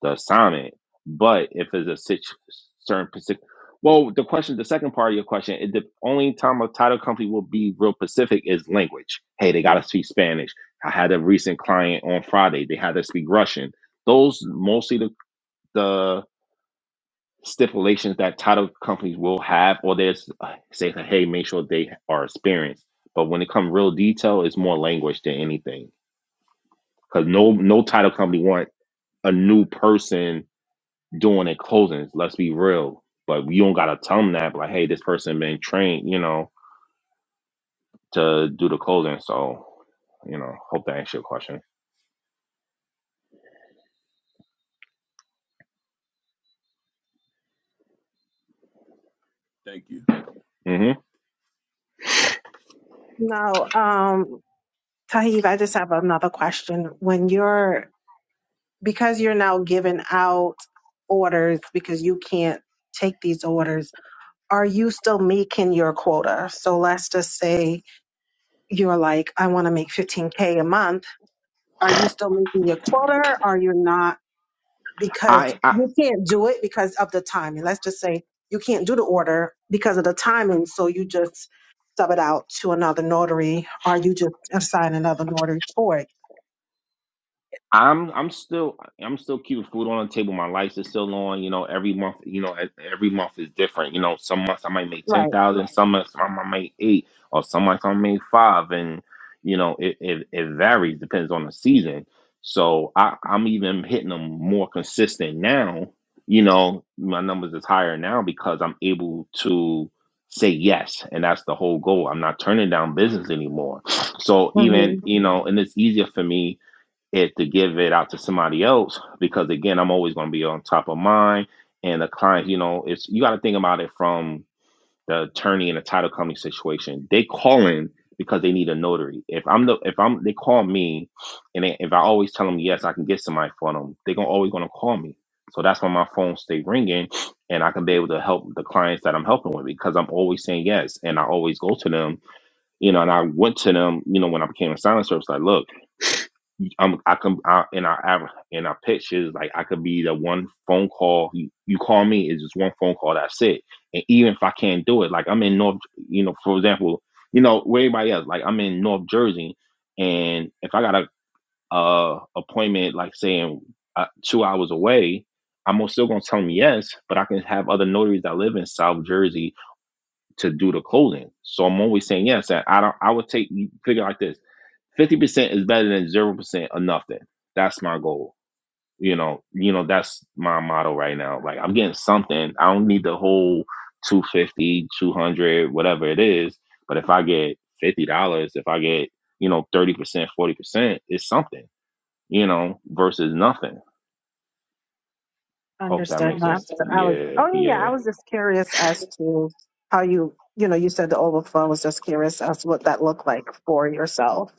Speaker 5: the assignment. But if it's a situ- certain specific, well, the question, the second part of your question, it, the only time a title company will be real specific is language. Hey, they gotta speak Spanish. I had a recent client on Friday; they had to speak Russian. Those mostly the the stipulations that title companies will have, or there's uh, say, hey, make sure they are experienced. But when it comes real detail, it's more language than anything, because no no title company want a new person doing their closings. Let's be real, but you don't gotta tell them that. But Like, hey, this person been trained, you know, to do the closing. So, you know, hope that answers your question.
Speaker 9: thank you
Speaker 5: hmm
Speaker 8: No, um, Tahib, I just have another question. When you're because you're now giving out orders because you can't take these orders, are you still making your quota? So let's just say you're like, I want to make 15K a month. Are you still making your quota? Are you not? Because you can't do it because of the timing. Let's just say you can't do the order because of the timing. So you just sub it out to another notary or you just assign another notary for it.
Speaker 5: I'm I'm still I'm still keeping food on the table. My lights are still on. You know, every month, you know, e- every month is different. You know, some months I might make ten
Speaker 8: Right.
Speaker 5: thousand, some months I might make eight, or some months I make five, and you know, it, it it varies depends on the season. So I I'm even hitting them more consistent now. You know, my numbers is higher now because I'm able to say yes, and that's the whole goal. I'm not turning down business anymore. So even
Speaker 8: hmm
Speaker 5: you know, and it's easier for me is to give it out to somebody else because again i'm always going to be on top of mine and the client you know it's you got to think about it from the attorney and the title company situation they call in because they need a notary if i'm the if i'm they call me and they, if i always tell them yes i can get somebody for them they're gonna, always going to call me so that's why my phone stay ringing and i can be able to help the clients that i'm helping with because i'm always saying yes and i always go to them you know and i went to them you know when i became a silent service like look I'm I can I, in our av- in our pictures like I could be the one phone call you, you call me is just one phone call that's it and even if I can't do it like I'm in North you know for example you know where everybody else like I'm in North Jersey and if I got a uh appointment like saying uh, two hours away I'm still gonna tell them yes but I can have other notaries that live in South Jersey to do the closing so I'm always saying yes and I don't I would take you figure it like this fifty percent is better than zero percent or nothing. That's my goal. You know, you know, that's my motto right now. Like I'm getting something. I don't need the whole two fifty, two hundred, whatever it is. But if I get fifty dollars, if I get, you know, thirty percent, forty percent, it's something, you know, versus nothing. Hope that
Speaker 8: Understood.
Speaker 5: makes
Speaker 8: No, I
Speaker 5: sense.
Speaker 8: was, I was-
Speaker 5: Yeah,
Speaker 8: oh yeah, yeah, I
Speaker 5: yeah.
Speaker 8: was just curious as to how you, you know, you said the overflow I was just curious as to what that looked like for yourself.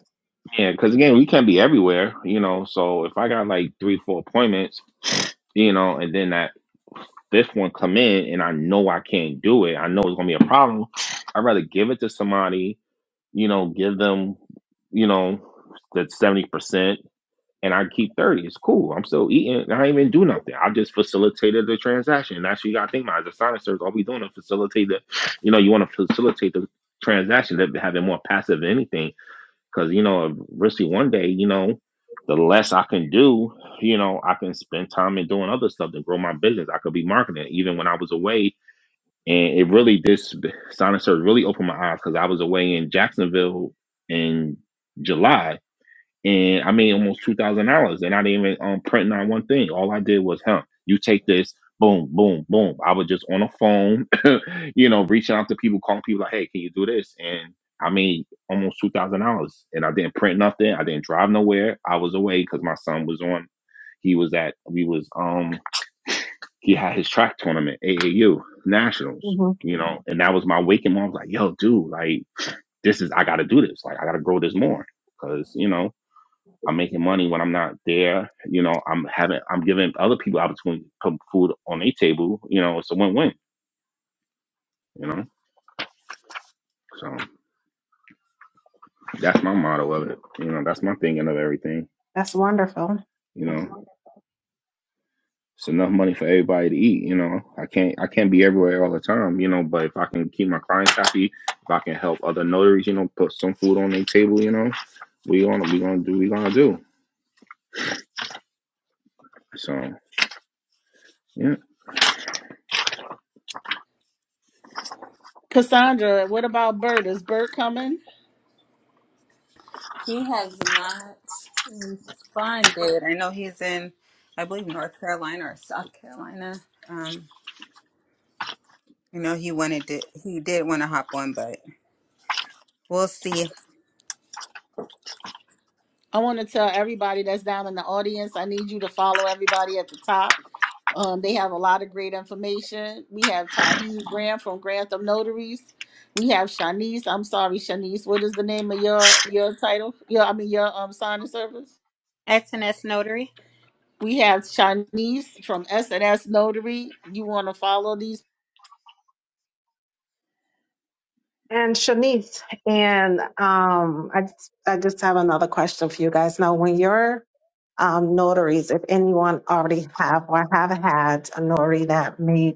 Speaker 5: Yeah, because again, we can't be everywhere, you know. So if I got like three, four appointments, you know, and then that this one come in and I know I can't do it. I know it's gonna be a problem. I'd rather give it to somebody, you know, give them, you know, that seventy percent and I keep thirty. It's cool. I'm still eating. I ain't even do nothing. I just facilitated the transaction. That's what you gotta think about as a silencer, all we doing is facilitate the you know, you wanna facilitate the transaction that having more passive than anything. Cause you know, eventually one day, you know, the less I can do, you know, I can spend time in doing other stuff to grow my business. I could be marketing even when I was away. And it really this sonic surge really opened my eyes because I was away in Jacksonville in July and I made almost two thousand dollars, and I didn't even um, print not one thing. All I did was, huh, you take this, boom, boom, boom. I was just on a phone, you know, reaching out to people, calling people like, hey, can you do this? And I made almost two thousand dollars, and I didn't print nothing. I didn't drive nowhere. I was away because my son was on. He was at we was um he had his track tournament AAU nationals,
Speaker 8: hmm
Speaker 5: you know, and that was my waking moment. I was like, yo, dude, like this is I got to do this. Like I got to grow this more because you know. I'm making money when I'm not there. You know, I'm having, I'm giving other people opportunity to put food on their table. You know, it's a win-win. You know, so that's my motto of it. You know, that's my thinking of everything.
Speaker 8: That's wonderful.
Speaker 5: You know, it's enough money for everybody to eat. You know, I can't, I can't be everywhere all the time. You know, but if I can keep my clients happy, if I can help other notaries, you know, put some food on their table, you know, we gonna, we gonna do, we gonna do. So yeah.
Speaker 3: Cassandra. What about Bert? Is Bert coming?
Speaker 2: He has not responded. I know he's in, I believe, North Carolina or South Carolina. Um, you know, he wanted to, he did want to hop on, but we'll see.
Speaker 3: I want to tell everybody that's down in the audience, I need you to follow everybody at the top. Um, they have a lot of great information. We have Tahi Graham from Grantham Notaries. We have Shanice. I'm sorry, Shanice. What is the name of your your title? Your I mean your um sign service.
Speaker 4: SNS Notary.
Speaker 3: We have Shanice from S&S Notary. You want to follow these?
Speaker 8: And Shanice, and um, I just, I just have another question for you guys. Now, when you're um, notaries, if anyone already have or have had a notary that made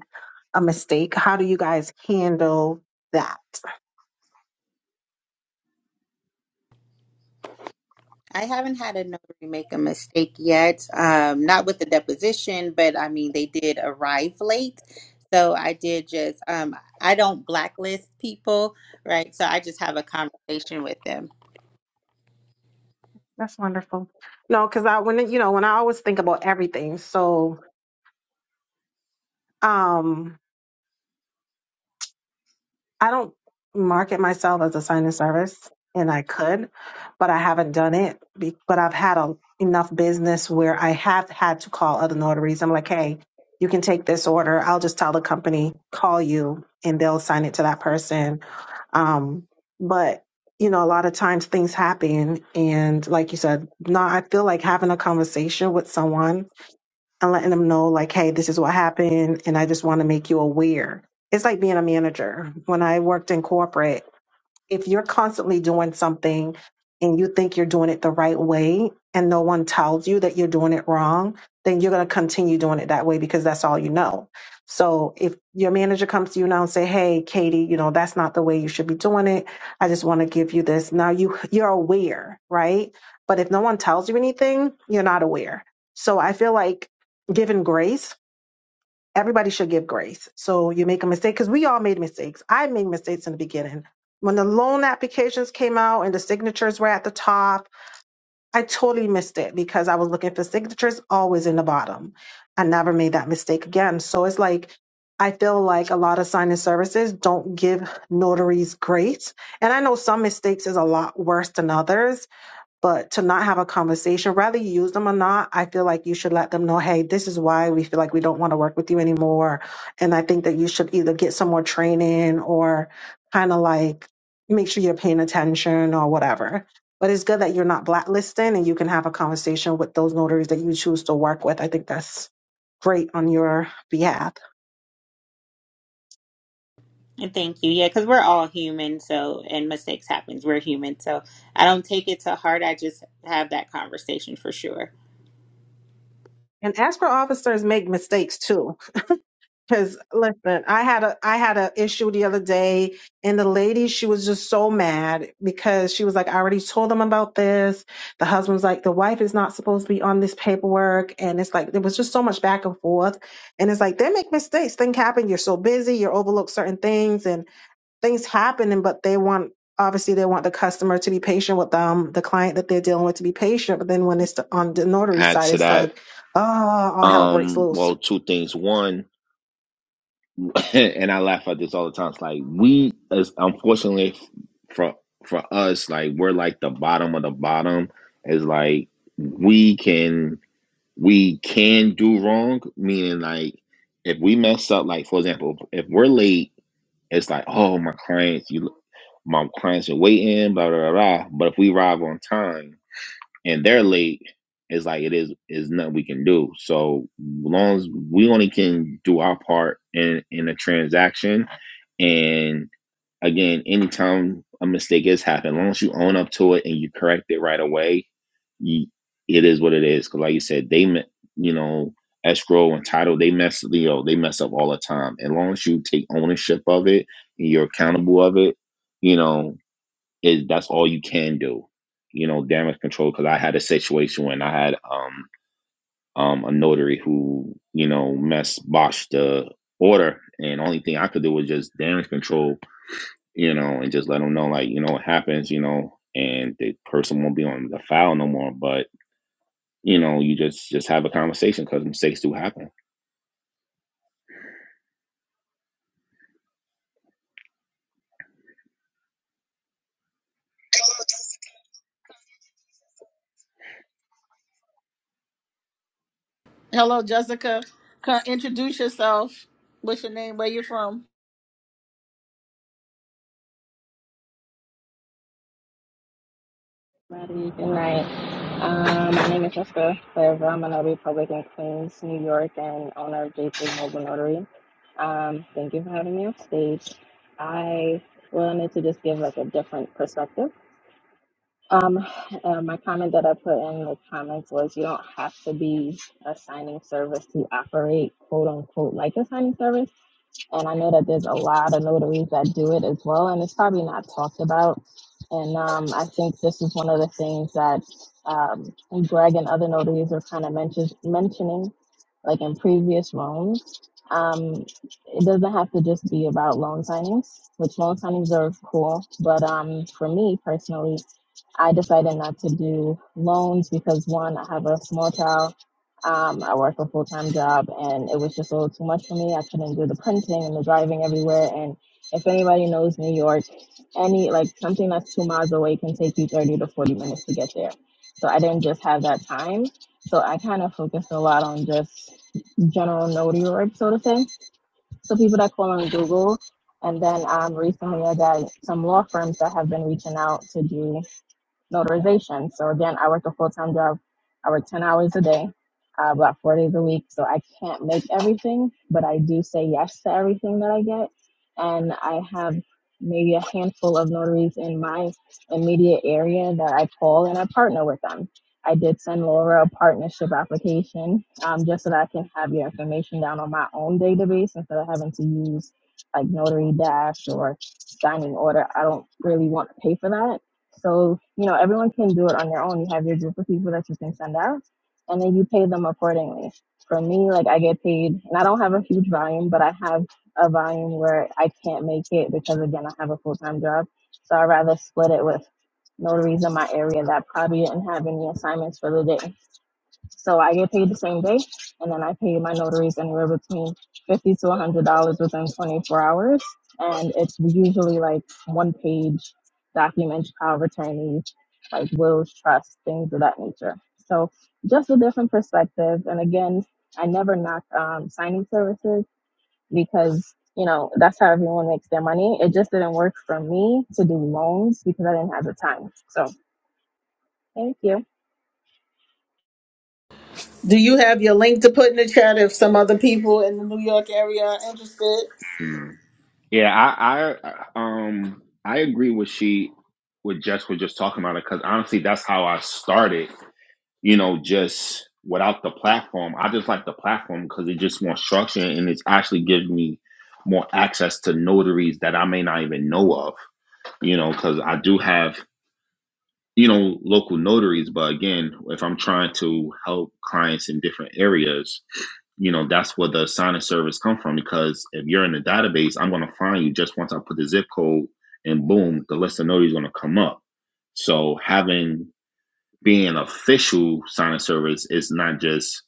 Speaker 8: a mistake, how do you guys handle that?
Speaker 4: I haven't had a notary make a mistake yet. Um, not with the deposition, but I mean, they did arrive late. So I did just, um, I don't blacklist people, right? So I just have a conversation with them.
Speaker 8: That's wonderful. No, because I when it- you know when I always think about everything, so um I don't market myself as a sign and service, and I could, but I haven't done it. be- But I've had a, enough business where I have had to call other notaries. I'm like, hey, you can take this order. I'll just tell the company call you, and they'll sign it to that person. Um, but you know, a lot of times things happen, and like you said, no, I feel like having a conversation with someone and letting them know like hey this is what happened and i just want to make you aware it's like being a manager when i worked in corporate if you're constantly doing something and you think you're doing it the right way and no one tells you that you're doing it wrong, then you're going to continue doing it that way because that's all you know. So if your manager comes to you now and say, "Hey, Katie, you know, that's not the way you should be doing it. I just want to give you this." Now you you're aware, right? But if no one tells you anything, you're not aware. So I feel like given grace everybody should give grace. So you make a mistake because we all made mistakes. I made mistakes in the beginning. When the loan applications came out and the signatures were at the top, I totally missed it because I was looking for signatures always in the bottom. I never made that mistake again. So it's like, I feel like a lot of signing services don't give notaries grace. And I know some mistakes is a lot worse than others, but to not have a conversation, whether you use them or not, I feel like you should let them know, hey, this is why we feel like we don't want to work with you anymore. And I think that you should either get some more training or kind of like make sure you're paying attention or whatever. But it's good that you're not blacklisting and you can have a conversation with those notaries that you choose to work with. I think that's great on your behalf.
Speaker 4: And thank you. Yeah, because we're all human. So, and mistakes happens. We're human. So I don't take it to heart. I just have that conversation for sure.
Speaker 8: And as officers make mistakes too. Cause listen, I had a I had an issue the other day, and the lady she was just so mad because she was like, I already told them about this. The husband's like, the wife is not supposed to be on this paperwork, and it's like there was just so much back and forth, and it's like they make mistakes, things happen. You're so busy, you overlook certain things, and things happen, and but they want obviously they want the customer to be patient with them, the client that they're dealing with to be patient, but then when it's on the notary
Speaker 5: Add
Speaker 8: side,
Speaker 5: to
Speaker 8: it's
Speaker 5: that,
Speaker 8: like, oh, all hell breaks
Speaker 5: um,
Speaker 8: loose.
Speaker 5: well, two things. One. and I laugh at this all the time. It's like we, as unfortunately for for us, like we're like the bottom of the bottom. Is like we can we can do wrong, meaning like if we mess up, like for example, if we're late, it's like oh my clients, you my clients are waiting, blah blah blah. blah. But if we arrive on time and they're late. It's like it is is nothing we can do. So long as we only can do our part in in a transaction, and again, anytime a mistake has happened, as long as you own up to it and you correct it right away, you, it is what it is. Because like you said, they, you know, escrow and title, they mess, you know, they mess up all the time. As long as you take ownership of it and you're accountable of it, you know, it, that's all you can do. You know, damage control. Because I had a situation when I had um um a notary who you know mess botched the order, and only thing I could do was just damage control you know, and just let them know, like, you know, what happens, you know, and the person won't be on the file no more. But you know, you just just have a conversation because mistakes do happen.
Speaker 3: Hello, Jessica. Come introduce yourself. What's your name? Where you from?
Speaker 10: Everybody, good night. Um, my name is Jessica Claver. I'm a notary public in Queens, New York, and owner of J3 Mobile Notary. Um, thank you for having me on stage. I wanted to just give like a different perspective. Um, uh, my comment that I put in the comments was you don't have to be a signing service to operate quote unquote like a signing service and I know that there's a lot of notaries that do it as well, and it's probably not talked about. And um, I think this is one of the things that um, Greg and other notaries are kind of mention- mentioning, like in previous rooms. Um, it doesn't have to just be about loan signings, which loan signings are cool, but um, for me personally, I decided not to do loans because one, I have a small child um, I worked a full time job, and it was just a little too much for me. I couldn't do the printing and the driving everywhere. And if anybody knows New York, any like something that's two miles away can take you 30 to 40 minutes to get there. So I didn't just have that time. So I kind of focused a lot on just general notary work sort of thing. So people that call on Google. And then um, recently I got some law firms that have been reaching out to do notarization. So again, I work a full time job. I work ten hours a day, uh, about four days a week. So I can't make everything, but I do say yes to everything that I get, and I have maybe a handful of notaries in my immediate area that I call and I partner with them. I did send Laura a partnership application um, just so that I can have your information down on my own database instead of having to use like Notary Dash or signing order. I don't really want to pay for that so, you know, everyone can do it on their own. You have your group of people that you can send out, and then you pay them accordingly. For me, like I get paid, and I don't have a huge volume, but I have a volume where I can't make it because, again, I have a full time job. So I rather split it with notaries in my area that probably didn't have any assignments for the day. So I get paid the same day, and then I pay my notaries anywhere between fifty to one hundred dollars within twenty four hours, and it's usually like one page documents, power of attorney, like wills, trusts, things of that nature. So just a different perspective, and again, I never knock um, signing services because you know that's how everyone makes their money. It just didn't work for me to do loans because I didn't have the time. So thank you.
Speaker 3: Do you have your link to put in the chat if some other people in the New York area are interested?
Speaker 5: Hmm. Yeah, I, I, um, I agree with she, with Jess was just talking about it because honestly, that's how I started. You know, just without the platform, I just like the platform because it just more structure and it's actually gives me more access to notaries that I may not even know of. You know, because I do have you know, local notaries. But again, if I'm trying to help clients in different areas, you know, that's where the signing service come from. Because if you're in the database, I'm going to find you just once I put the zip code and boom, the list of notaries is going to come up. So having being an official signing service is not just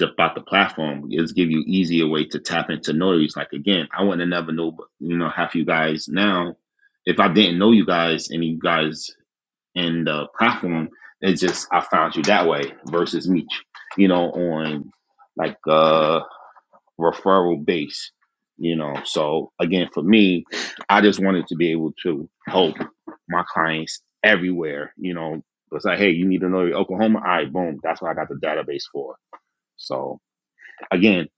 Speaker 5: about the platform. It's give you easier way to tap into notaries. Like again, I wouldn't have never know, you know, half you guys now if I didn't know you guys and you guys and the platform. It's just I found you that way versus me, you know, on like uh referral base, you know. So again, for me, I just wanted to be able to help my clients everywhere, you know. It's like, hey, you need to know your Oklahoma. All right, boom. That's what I got the database for. So again,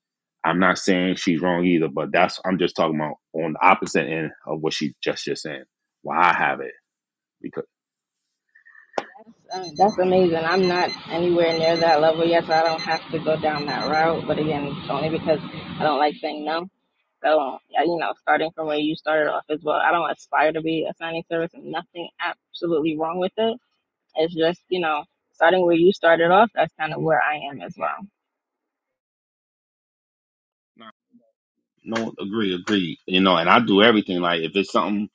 Speaker 5: I'm not saying she's wrong either, but that's I'm just talking about on the opposite end of what she just just saying. Why I have it because
Speaker 10: That's, Uh, That's amazing. I'm not anywhere near that level yet, so I don't have to go down that route. But again, it's only because I don't like saying no. So, yeah, you know, starting from where you started off as well, I don't aspire to be a signing service and nothing absolutely wrong with it. It's just, you know, starting where you started off, that's kind of where I am as well.
Speaker 5: No, agree, agree. You know, and I do everything. Like if it's something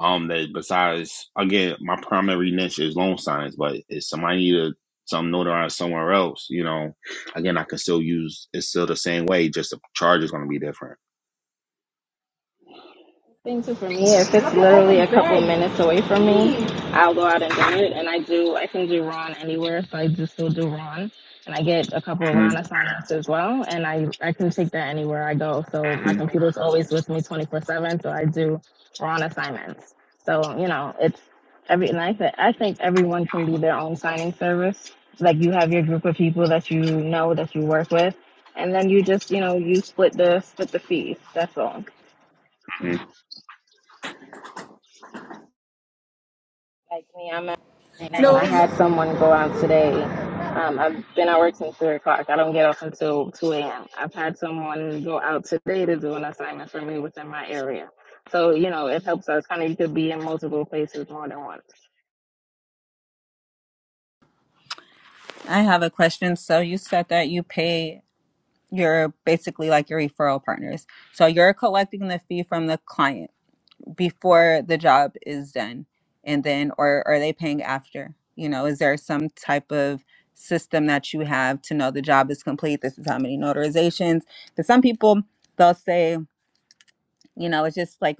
Speaker 5: um that besides again, my primary niche is loan signs, but if somebody need a some notarized somewhere else, you know, again I can still use it's still the same way, just the charge is gonna be different.
Speaker 10: thing too for me, if it's literally a couple minutes away from me, I'll go out and do it. And I do, I can do Ron anywhere, so I just still do Ron. And I get a couple of
Speaker 5: Mhm,
Speaker 10: Ron assignments as well, and I I can take that anywhere I go. So my
Speaker 5: mhm,
Speaker 10: computer's always with me 24 seven, so I do Ron assignments. So you know, it's every and I th- I think everyone can be their own signing service. Like you have your group of people that you know that you work with, and then you just you know you split the split the fees. That's all. Like me, I'm out right now, and
Speaker 3: No,
Speaker 10: I had someone go out today. Um, I've been at work since three o'clock. I don't get off until two a.m. I've had someone go out today to do an assignment for me within my area. So you know, it helps us kind of you could be in multiple places more than once.
Speaker 2: I have a question. So you said that you pay your basically like your referral partners. So you're collecting the fee from the client. before the job is done and then or are they paying after you know is there some type of system that you have to know the job is complete this is how many notarizations because some people they'll say you know it's just like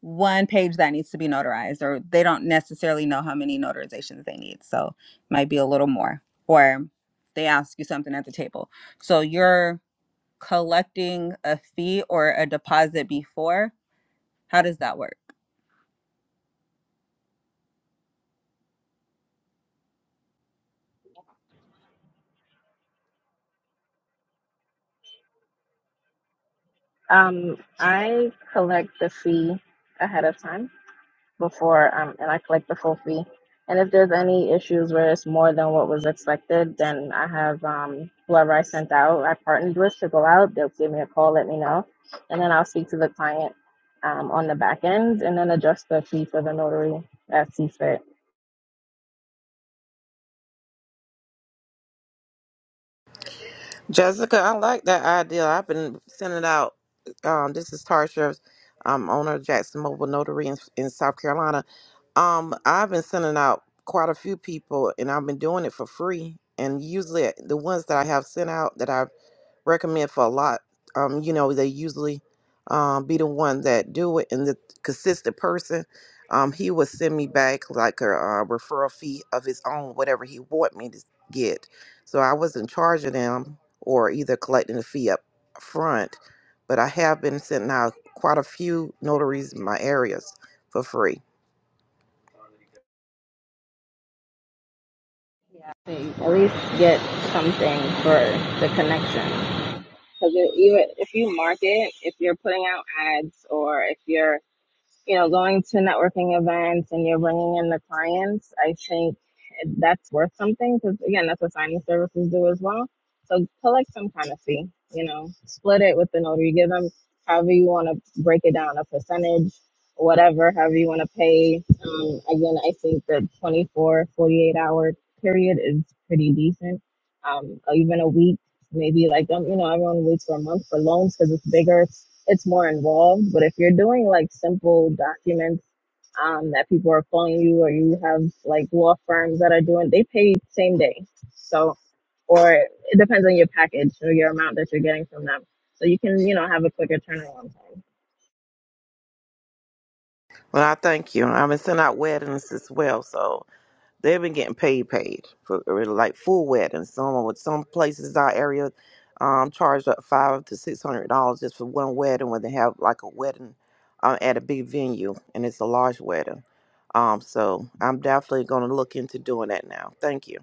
Speaker 2: one page that needs to be notarized or they don't necessarily know how many notarizations they need so it might be a little more or they ask you something at the table so you're collecting a fee or a deposit before how does that work
Speaker 10: Um, I collect the fee ahead of time. before um, and I collect the full fee. And if there's any issues where it's more than what was expected, then I have um, whoever I sent out, I partnered with to go out. They'll give me a call, let me know, and then I'll speak to the client um, on the back end and then adjust the fee for the notary as sees fit.
Speaker 6: Jessica, I like that idea. I've been sending out. Um, this is Tarsha, um, owner of Jackson Mobile Notary in, in South Carolina. Um, I've been sending out quite a few people, and I've been doing it for free. And usually, the ones that I have sent out that I recommend for a lot. Um, you know, they usually um, be the one that do it, and the consistent person, um, he would send me back like a, uh referral fee of his own, whatever he want me to get. So I was in charge of them, or either collecting the fee up front. But I have been sending out quite a few notaries in my areas for free.
Speaker 10: At least get something for the connection. Because even if you market, if you're putting out ads or if you're you know, going to networking events and you're bringing in the clients, I think that's worth something because, again, that's what signing services do as well. So collect some kind of fee, you know, split it with the notary, give them however you want to break it down, a percentage, whatever, however you want to pay. Um, again, I think the 24, 48 hour period is pretty decent. Um, even a week maybe like um, you know everyone waits for a month for loans because it's bigger it's, it's more involved but if you're doing like simple documents um, that people are calling you or you have like law firms that are doing they pay same day so or it depends on your package or your amount that you're getting from them so you can you know have a quicker turnaround time
Speaker 6: Well, I thank you. I've been sending out weddings as well, so They've been getting paid, paid for really like full wet, some with some places in our area um charged up five to six hundred dollars just for one wedding when they have like a wedding uh, at a big venue and it's a large wedding. Um, so I'm definitely gonna look into doing that now. Thank you.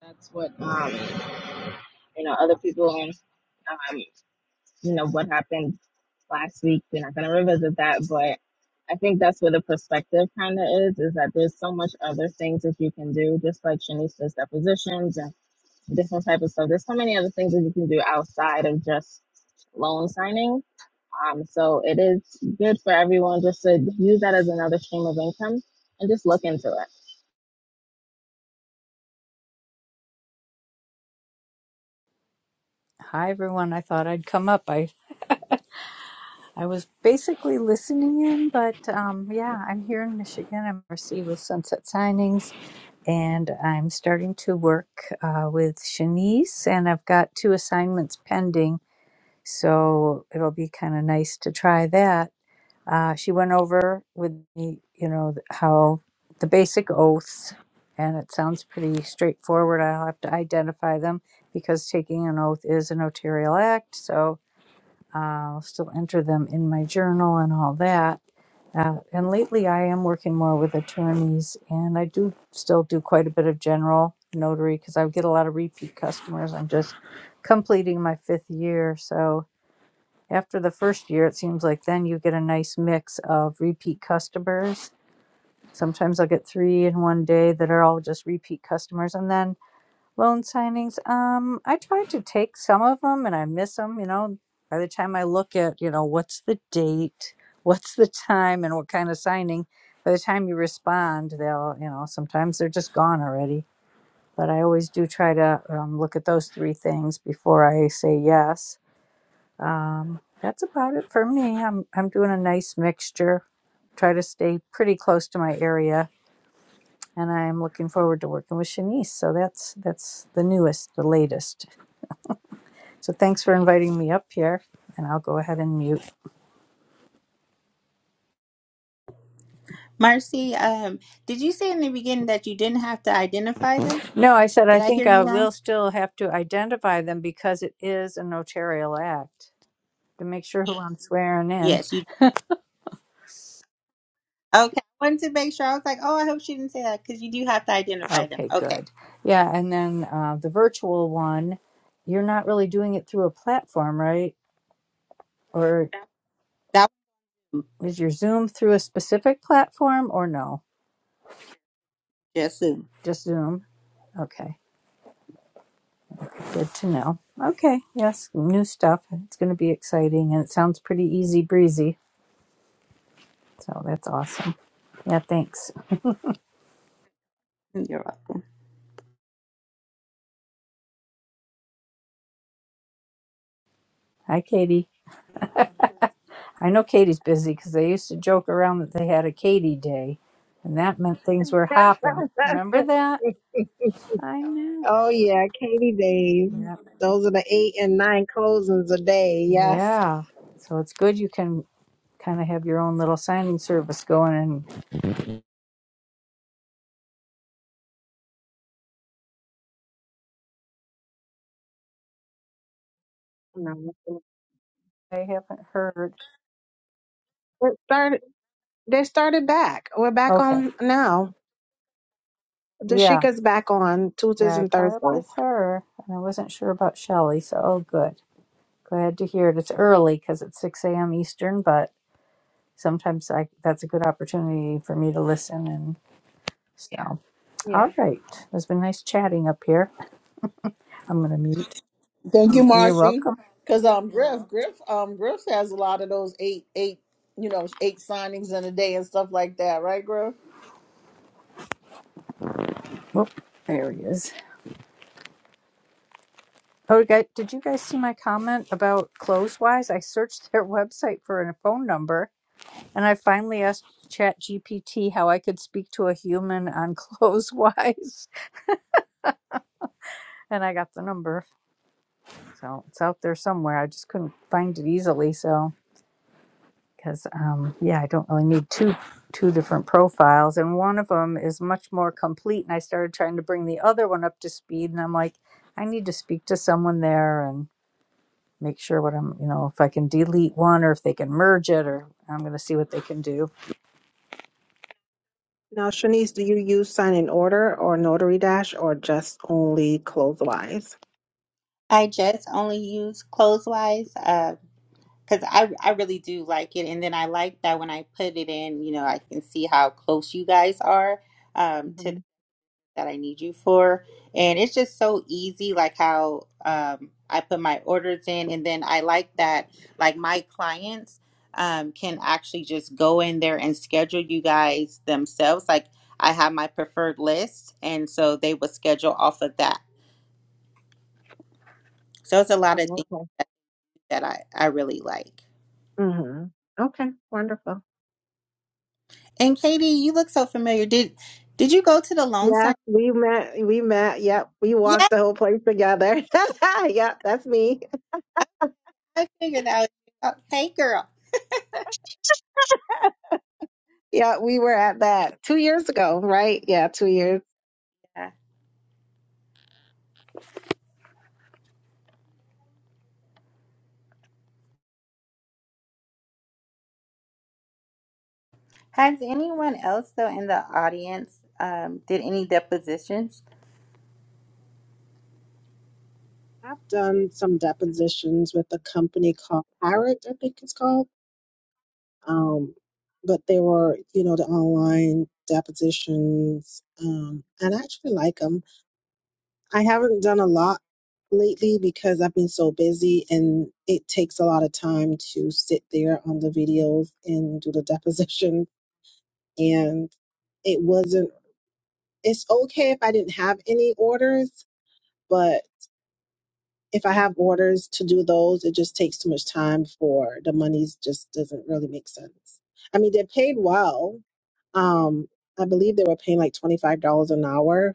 Speaker 10: that's what um, you know other people um, you know what happened last week. We're not going to revisit that, but I think that's where the perspective kind of is, is that there's so much other things that you can do, just like Shanice's depositions and different type of stuff. There's so many other things that you can do outside of just loan signing. Um, so it is good for everyone just to use that as another stream of income and just look into it.
Speaker 11: Hi, everyone. I thought I'd come up. I, I was basically listening in, but um, yeah, I'm here in Michigan. I'm Mercy with Sunset Signings, and I'm starting to work uh, with Shanice, and I've got two assignments pending, so it'll be kind of nice to try that. Uh, she went over with me, you know, th- how the basic oaths, and it sounds pretty straightforward. I'll have to identify them because taking an oath is a notarial act, so uh, I'll still enter them in my journal and all that. Uh, and lately, I am working more with attorneys, and I do still do quite a bit of general notary because I get a lot of repeat customers. I'm just completing my fifth year, so after the first year, it seems like then you get a nice mix of repeat customers. Sometimes I'll get three in one day that are all just repeat customers, and then Loan signings. Um, I try to take some of them and I miss them. You know, by the time I look at, you know, what's the date, what's the time, and what kind of signing, by the time you respond, they'll, you know, sometimes they're just gone already. But I always do try to um, look at those three things before I say yes. Um, that's about it for me. I'm I'm doing a nice mixture. Try to stay pretty close to my area, and I'm looking forward to working with Shanice. So that's that's the newest, the latest. So thanks for inviting me up here, and I'll go ahead and mute.
Speaker 4: Marcy, um, did you say in the beginning that you didn't have to identify them?
Speaker 11: No, I said I
Speaker 4: Did I
Speaker 11: think
Speaker 4: hear
Speaker 11: I
Speaker 4: you wrong?
Speaker 11: will still have to identify them because it is a notarial act to make sure who I'm swearing in.
Speaker 4: Yes, you Okay, I wanted to make sure. I was like, oh, I hope she didn't say that because you do have to identify them.
Speaker 11: Okay,
Speaker 4: Okay,
Speaker 11: good. Yeah, and then uh, the virtual one, you're not really doing it through a platform, right? Or
Speaker 4: that
Speaker 11: is your Zoom through a specific platform or no?
Speaker 4: was just soon.
Speaker 11: Just Zoom? Okay, good to know. Okay, yes, new stuff. It's going to be exciting, and it sounds pretty easy breezy. So that's awesome. Yeah, thanks.
Speaker 4: You're welcome.
Speaker 11: Hi, Katie. I know Katie's busy because they used to joke around that they had a Katie day, and that meant things were hopping. Remember that? I know.
Speaker 8: Oh yeah, Katie days.
Speaker 11: Yep.
Speaker 8: Those are the eight and nine closings a day. Yes.
Speaker 11: Yeah. So it's good you can kind of have your own little signing service going, and
Speaker 8: No.
Speaker 11: I haven't heard.
Speaker 8: It started. They started back. We're back
Speaker 11: Okay.
Speaker 8: on now.
Speaker 11: Yeah.
Speaker 8: Dashika's back on Tuesdays
Speaker 11: Yeah, I
Speaker 8: and
Speaker 11: caught up with
Speaker 8: Thursdays.
Speaker 11: her, and I wasn't sure about Shelley, so oh, good. Glad to hear it. It's early because it's 6 a.m. Eastern, but sometimes I, that's a good opportunity for me to listen and so.
Speaker 8: Yeah.
Speaker 11: All right. It's been nice chatting up here. I'm going to mute.
Speaker 3: thank you,
Speaker 11: You're
Speaker 3: Marcy.
Speaker 11: welcome.
Speaker 3: Because um, Griff, Griff, um, Griff has a lot of those eight, eight, you know, eight signings in a day and stuff like that, right, Griff?
Speaker 11: Whoop. There he is. Oh, guy, did you guys see my comment about Clothes Wise? I searched their website for a phone number, and I finally asked ChatGPT how I could speak to a human on Clothes Wise, and I got the number. So it's out there somewhere. I just couldn't find it easily. So. because um, yeah, I don't really need two two different profiles, and one of them is much more complete. And I started trying to bring the other one up to speed, and I'm like, I need to speak to someone there and make sure what I'm, you know, if I can delete one or if they can merge it, or I'm going to see what they can do.
Speaker 8: Now, Shanice, do you use Sign in Order or Notary Dash or just only Closewise?
Speaker 4: I just only use Clotheswise because I I really do like it, and then I like that when I put it in, you know, I can see how close you guys are um, to
Speaker 8: Mm-hmm.
Speaker 4: that I need you for. And it's just so easy, like how um, I put my orders in. And then I like that, like my clients um, can actually just go in there and schedule you guys themselves. Like I have my preferred list, and so they would schedule off of that. So it's a lot of
Speaker 8: Oh,
Speaker 4: things
Speaker 8: okay.
Speaker 4: that I, I really like.
Speaker 8: Mm-hmm. Okay. Wonderful.
Speaker 4: And Katie, you look so familiar. Did did you go to the loan sign?
Speaker 8: Yes, we met. We met. Yep, we
Speaker 4: Yeah,
Speaker 8: walked the whole place together. yep, that's me.
Speaker 4: I figured that was you. Oh, hey, girl.
Speaker 8: Yeah, we were at that two years ago, right? Yeah, two years.
Speaker 4: Yeah. Has anyone else, though, in the audience, um, did any depositions?
Speaker 8: I've done some depositions with a company called Pirate, I think it's called. Um, but they were, you know, the online depositions, um, and I actually like them. I haven't done a lot lately because I've been so busy, and it takes a lot of time to sit there on the videos and do the deposition. And it wasn't. It's okay if I didn't have any orders, but if I have orders to do those, it just takes too much time for the monies just doesn't really make sense. I mean, they're paid well. Um, I believe they were paying like $25 an hour,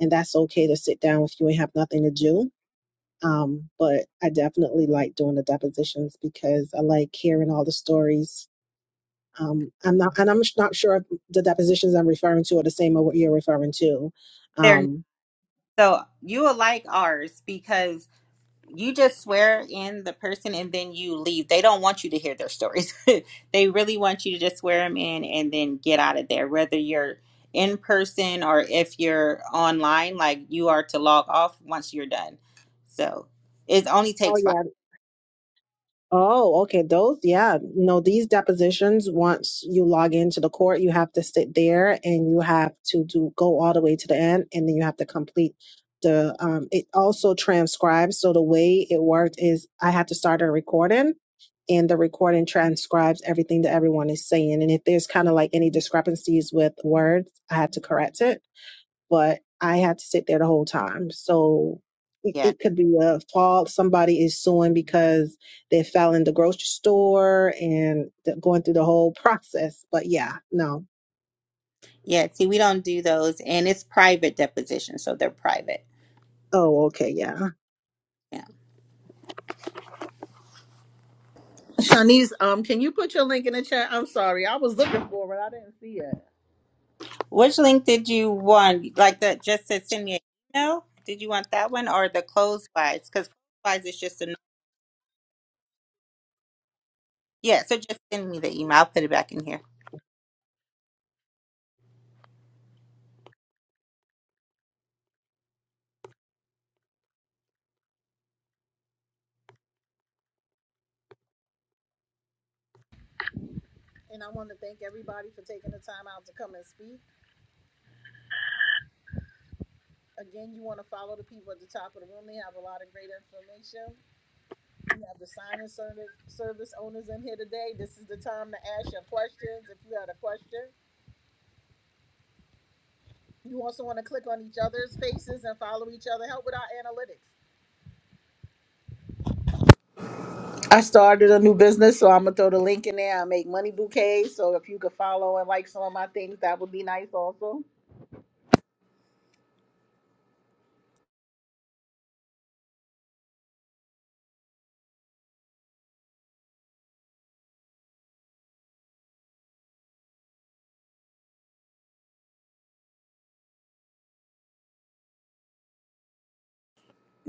Speaker 8: and that's okay to sit down with you and have nothing to do. Um, but I definitely like doing the depositions because I like hearing all the stories. Um, I'm not, and I'm sh- not sure if the depositions I'm referring to are the same as what you're referring to.
Speaker 4: They're
Speaker 8: Um,
Speaker 4: so you will like ours because you just swear in the person and then you leave. They don't want you to hear their stories. they really want you to just swear them in and then get out of there, whether you're in person or if you're online. Like you are to log off once you're done. So it only takes five.
Speaker 8: Oh, okay. Those, yeah. No, these depositions, once you log into the court, you have to sit there and you have to do go all the way to the end and then you have to complete the um it also transcribes. So the way it worked is I had to start a recording and the recording transcribes everything that everyone is saying. And if there's kind of like any discrepancies with words, I had to correct it but I had to sit there the whole time. So it,
Speaker 4: Yeah,
Speaker 8: it could be a fault. Somebody is suing because they fell in the grocery store and th- going through the whole process. But yeah, no.
Speaker 4: yeah. See, we don't do those, and it's private depositions, so they're private.
Speaker 8: Oh, okay, yeah.
Speaker 3: Shanice, um, can you put your link in the chat? I'm sorry, I was looking for it, I didn't see it.
Speaker 4: Which link did you want? Like that just said send me an email? Did you want that one or the closed slides? Because closed slides is just a yeah, so just send me the email. I'll put it back in here.
Speaker 3: And I want to thank everybody for taking the time out to come and speak. Again, you want to follow the people at the top of the room. They have a lot of great information. We have the signing service service owners in here today. This is the time to ask your questions if you had a question. You also want to click on each other's faces and follow each other. Help with our analytics. I started a new business, so I'm gonna throw the link in there. I make money bouquets, so if you could follow and like some of my things, that would be nice. Also,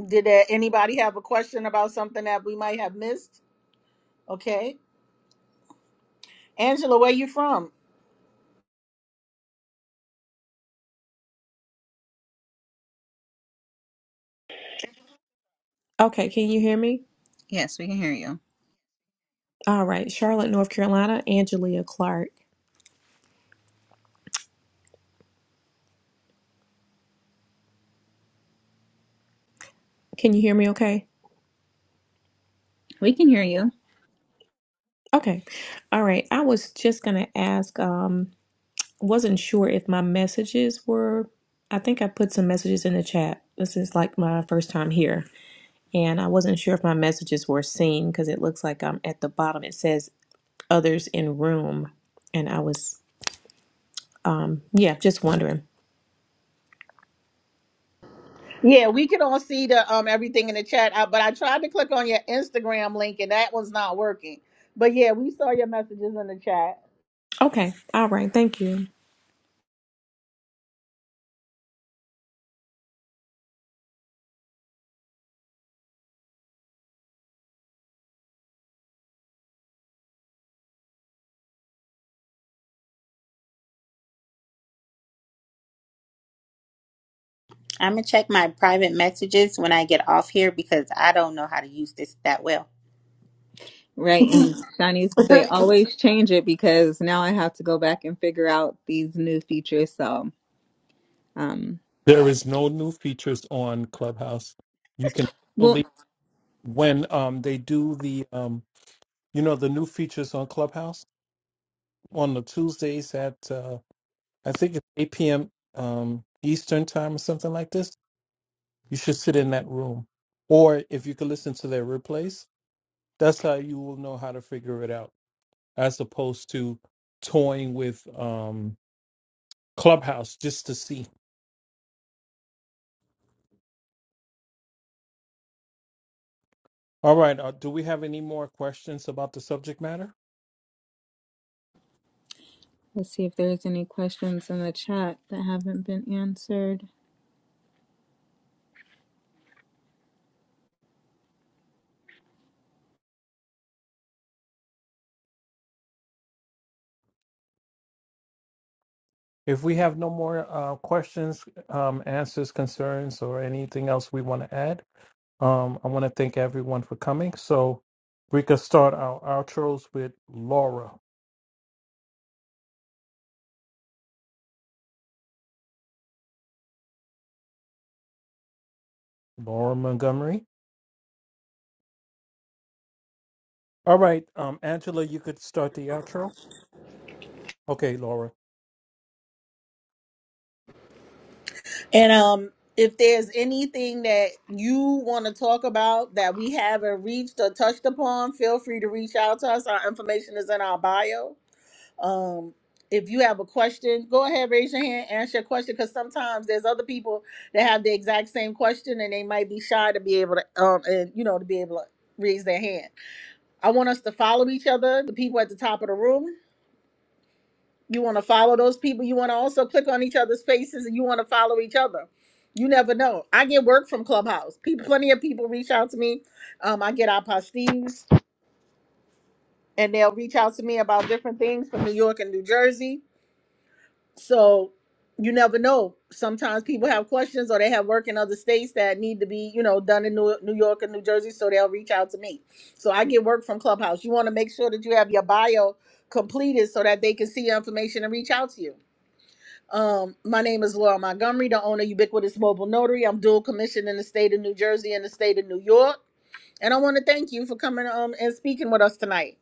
Speaker 3: did uh, anybody have a question about something that we might have missed? Okay, Angela, where you from?
Speaker 12: Okay, can you hear me?
Speaker 2: Yes, we can hear you.
Speaker 12: All right, Charlotte, North Carolina, Angelia Clark. Can you hear me okay?
Speaker 2: We can hear you.
Speaker 12: Okay. All right. I was just gonna ask, um, wasn't sure if my messages were I think I put some messages in the chat. This is like my first time here, and I wasn't sure if my messages were seen because it looks like I'm at the bottom. It says others in room, and I was um yeah, just wondering.
Speaker 3: Yeah, we can all see the um everything in the chat, I, but I tried to click on your Instagram link and that one's not working. But yeah, we saw your messages in the chat.
Speaker 12: Okay. All right. Thank you.
Speaker 4: I'm gonna check my private messages when I get off here because I don't know how to use this that well.
Speaker 2: Right. And Shani say always change it because now I have to go back and figure out these new features. So um
Speaker 1: There is no new features on Clubhouse. You can
Speaker 2: well
Speaker 1: actually when um they do the um you know the new features on Clubhouse on the Tuesdays at uh I think it's 8 p.m. um Eastern time or something like this. You should sit in that room. Or if you could listen to their replays, that's how you will know how to figure it out as opposed to toying with um Clubhouse just to see. All right. Uh, do we have any more questions about the subject matter?
Speaker 2: let's see if there's any questions in the chat that haven't been answered.
Speaker 1: If we have no more uh, questions, um, answers, concerns, or anything else we want to add, um, I want to thank everyone for coming. So we can start our outros with Laura, Laura Montgomery. All right, um, Angela, you could start the outro. Okay, Laura,
Speaker 3: And um, if there's anything that you want to talk about that we haven't reached or touched upon, feel free to reach out to us. Our information is in our bio. Um, if you have a question, go ahead, raise your hand, answer your question, because sometimes there's other people that have the exact same question and they might be shy to be able to, um, and you know, to be able to raise their hand. I want us to follow each other, the people at the top of the room. You want to follow those people. You want to also click on each other's faces and you want to follow each other. You never know. I get work from Clubhouse. People, plenty of people reach out to me. Um, I get apostees and they'll reach out to me about different things from New York and New Jersey. So you never know. Sometimes people have questions or they have work in other states that need to be, you know, done in New New York and New Jersey. So they'll reach out to me. So I get work from Clubhouse. You want to make sure that you have your bio completed so that they can see your information and reach out to you. Um, my name is Laura Montgomery, the owner of Ubiquitous Mobile Notary. I'm dual commissioned in the state of New Jersey and the state of New York. And I want to thank you for coming um and speaking with us tonight.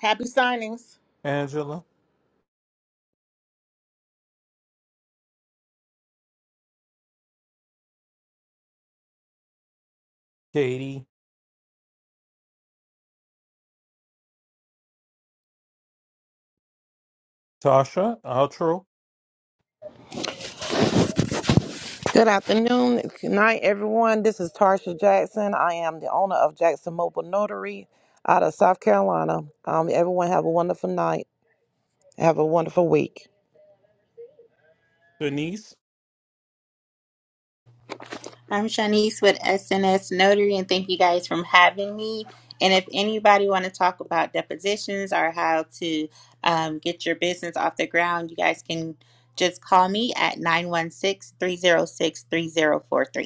Speaker 3: Happy signings.
Speaker 1: Angela, Katie, Tasha, outro,
Speaker 6: Good afternoon, good night, everyone. This is Tarsha Jackson. I am the owner of Jackson Mobile Notary out of South Carolina. Um, everyone have a wonderful night. Have a wonderful week.
Speaker 1: Denise,
Speaker 4: I'm Shanice with SNS Notary and thank you guys for having me. And if anybody want to talk about depositions or how to um, get your business off the ground, you guys can just call me at 916 306 3043.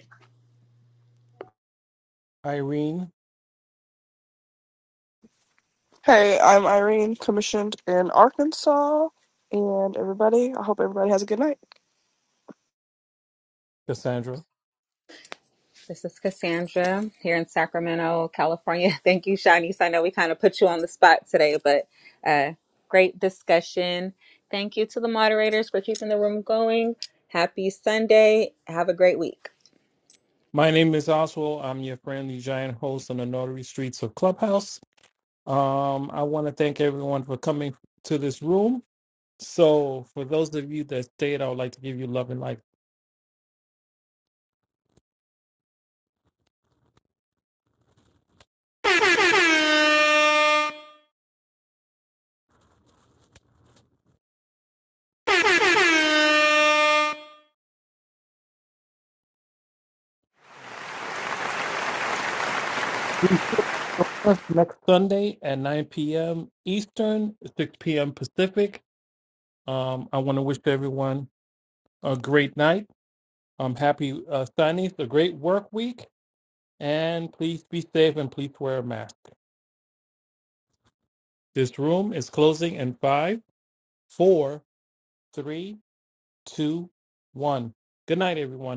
Speaker 1: Irene,
Speaker 7: Hey, I'm Irene, commissioned in Arkansas, and everybody, I hope everybody has a good night.
Speaker 1: Cassandra.
Speaker 2: This is Cassandra here in Sacramento, California. Thank you, Shanice. I know we kind of put you on the spot today, but uh, great discussion. Thank you to the moderators for keeping the room going. Happy Sunday. Have a great week.
Speaker 1: My name is Oswald. I'm your friendly giant host on the Notary Streets of Clubhouse. Um, I want to thank everyone for coming to this room. So, for those of you that stayed, I would like to give you love and light. Next Sunday at 9 p.m. Eastern, 6 p.m. Pacific. Um, I want to wish everyone a great night. I'm happy uh, Sundays, a great work week, and please be safe and please wear a mask. This room is closing in five, four, three, two, one. Good night, everyone.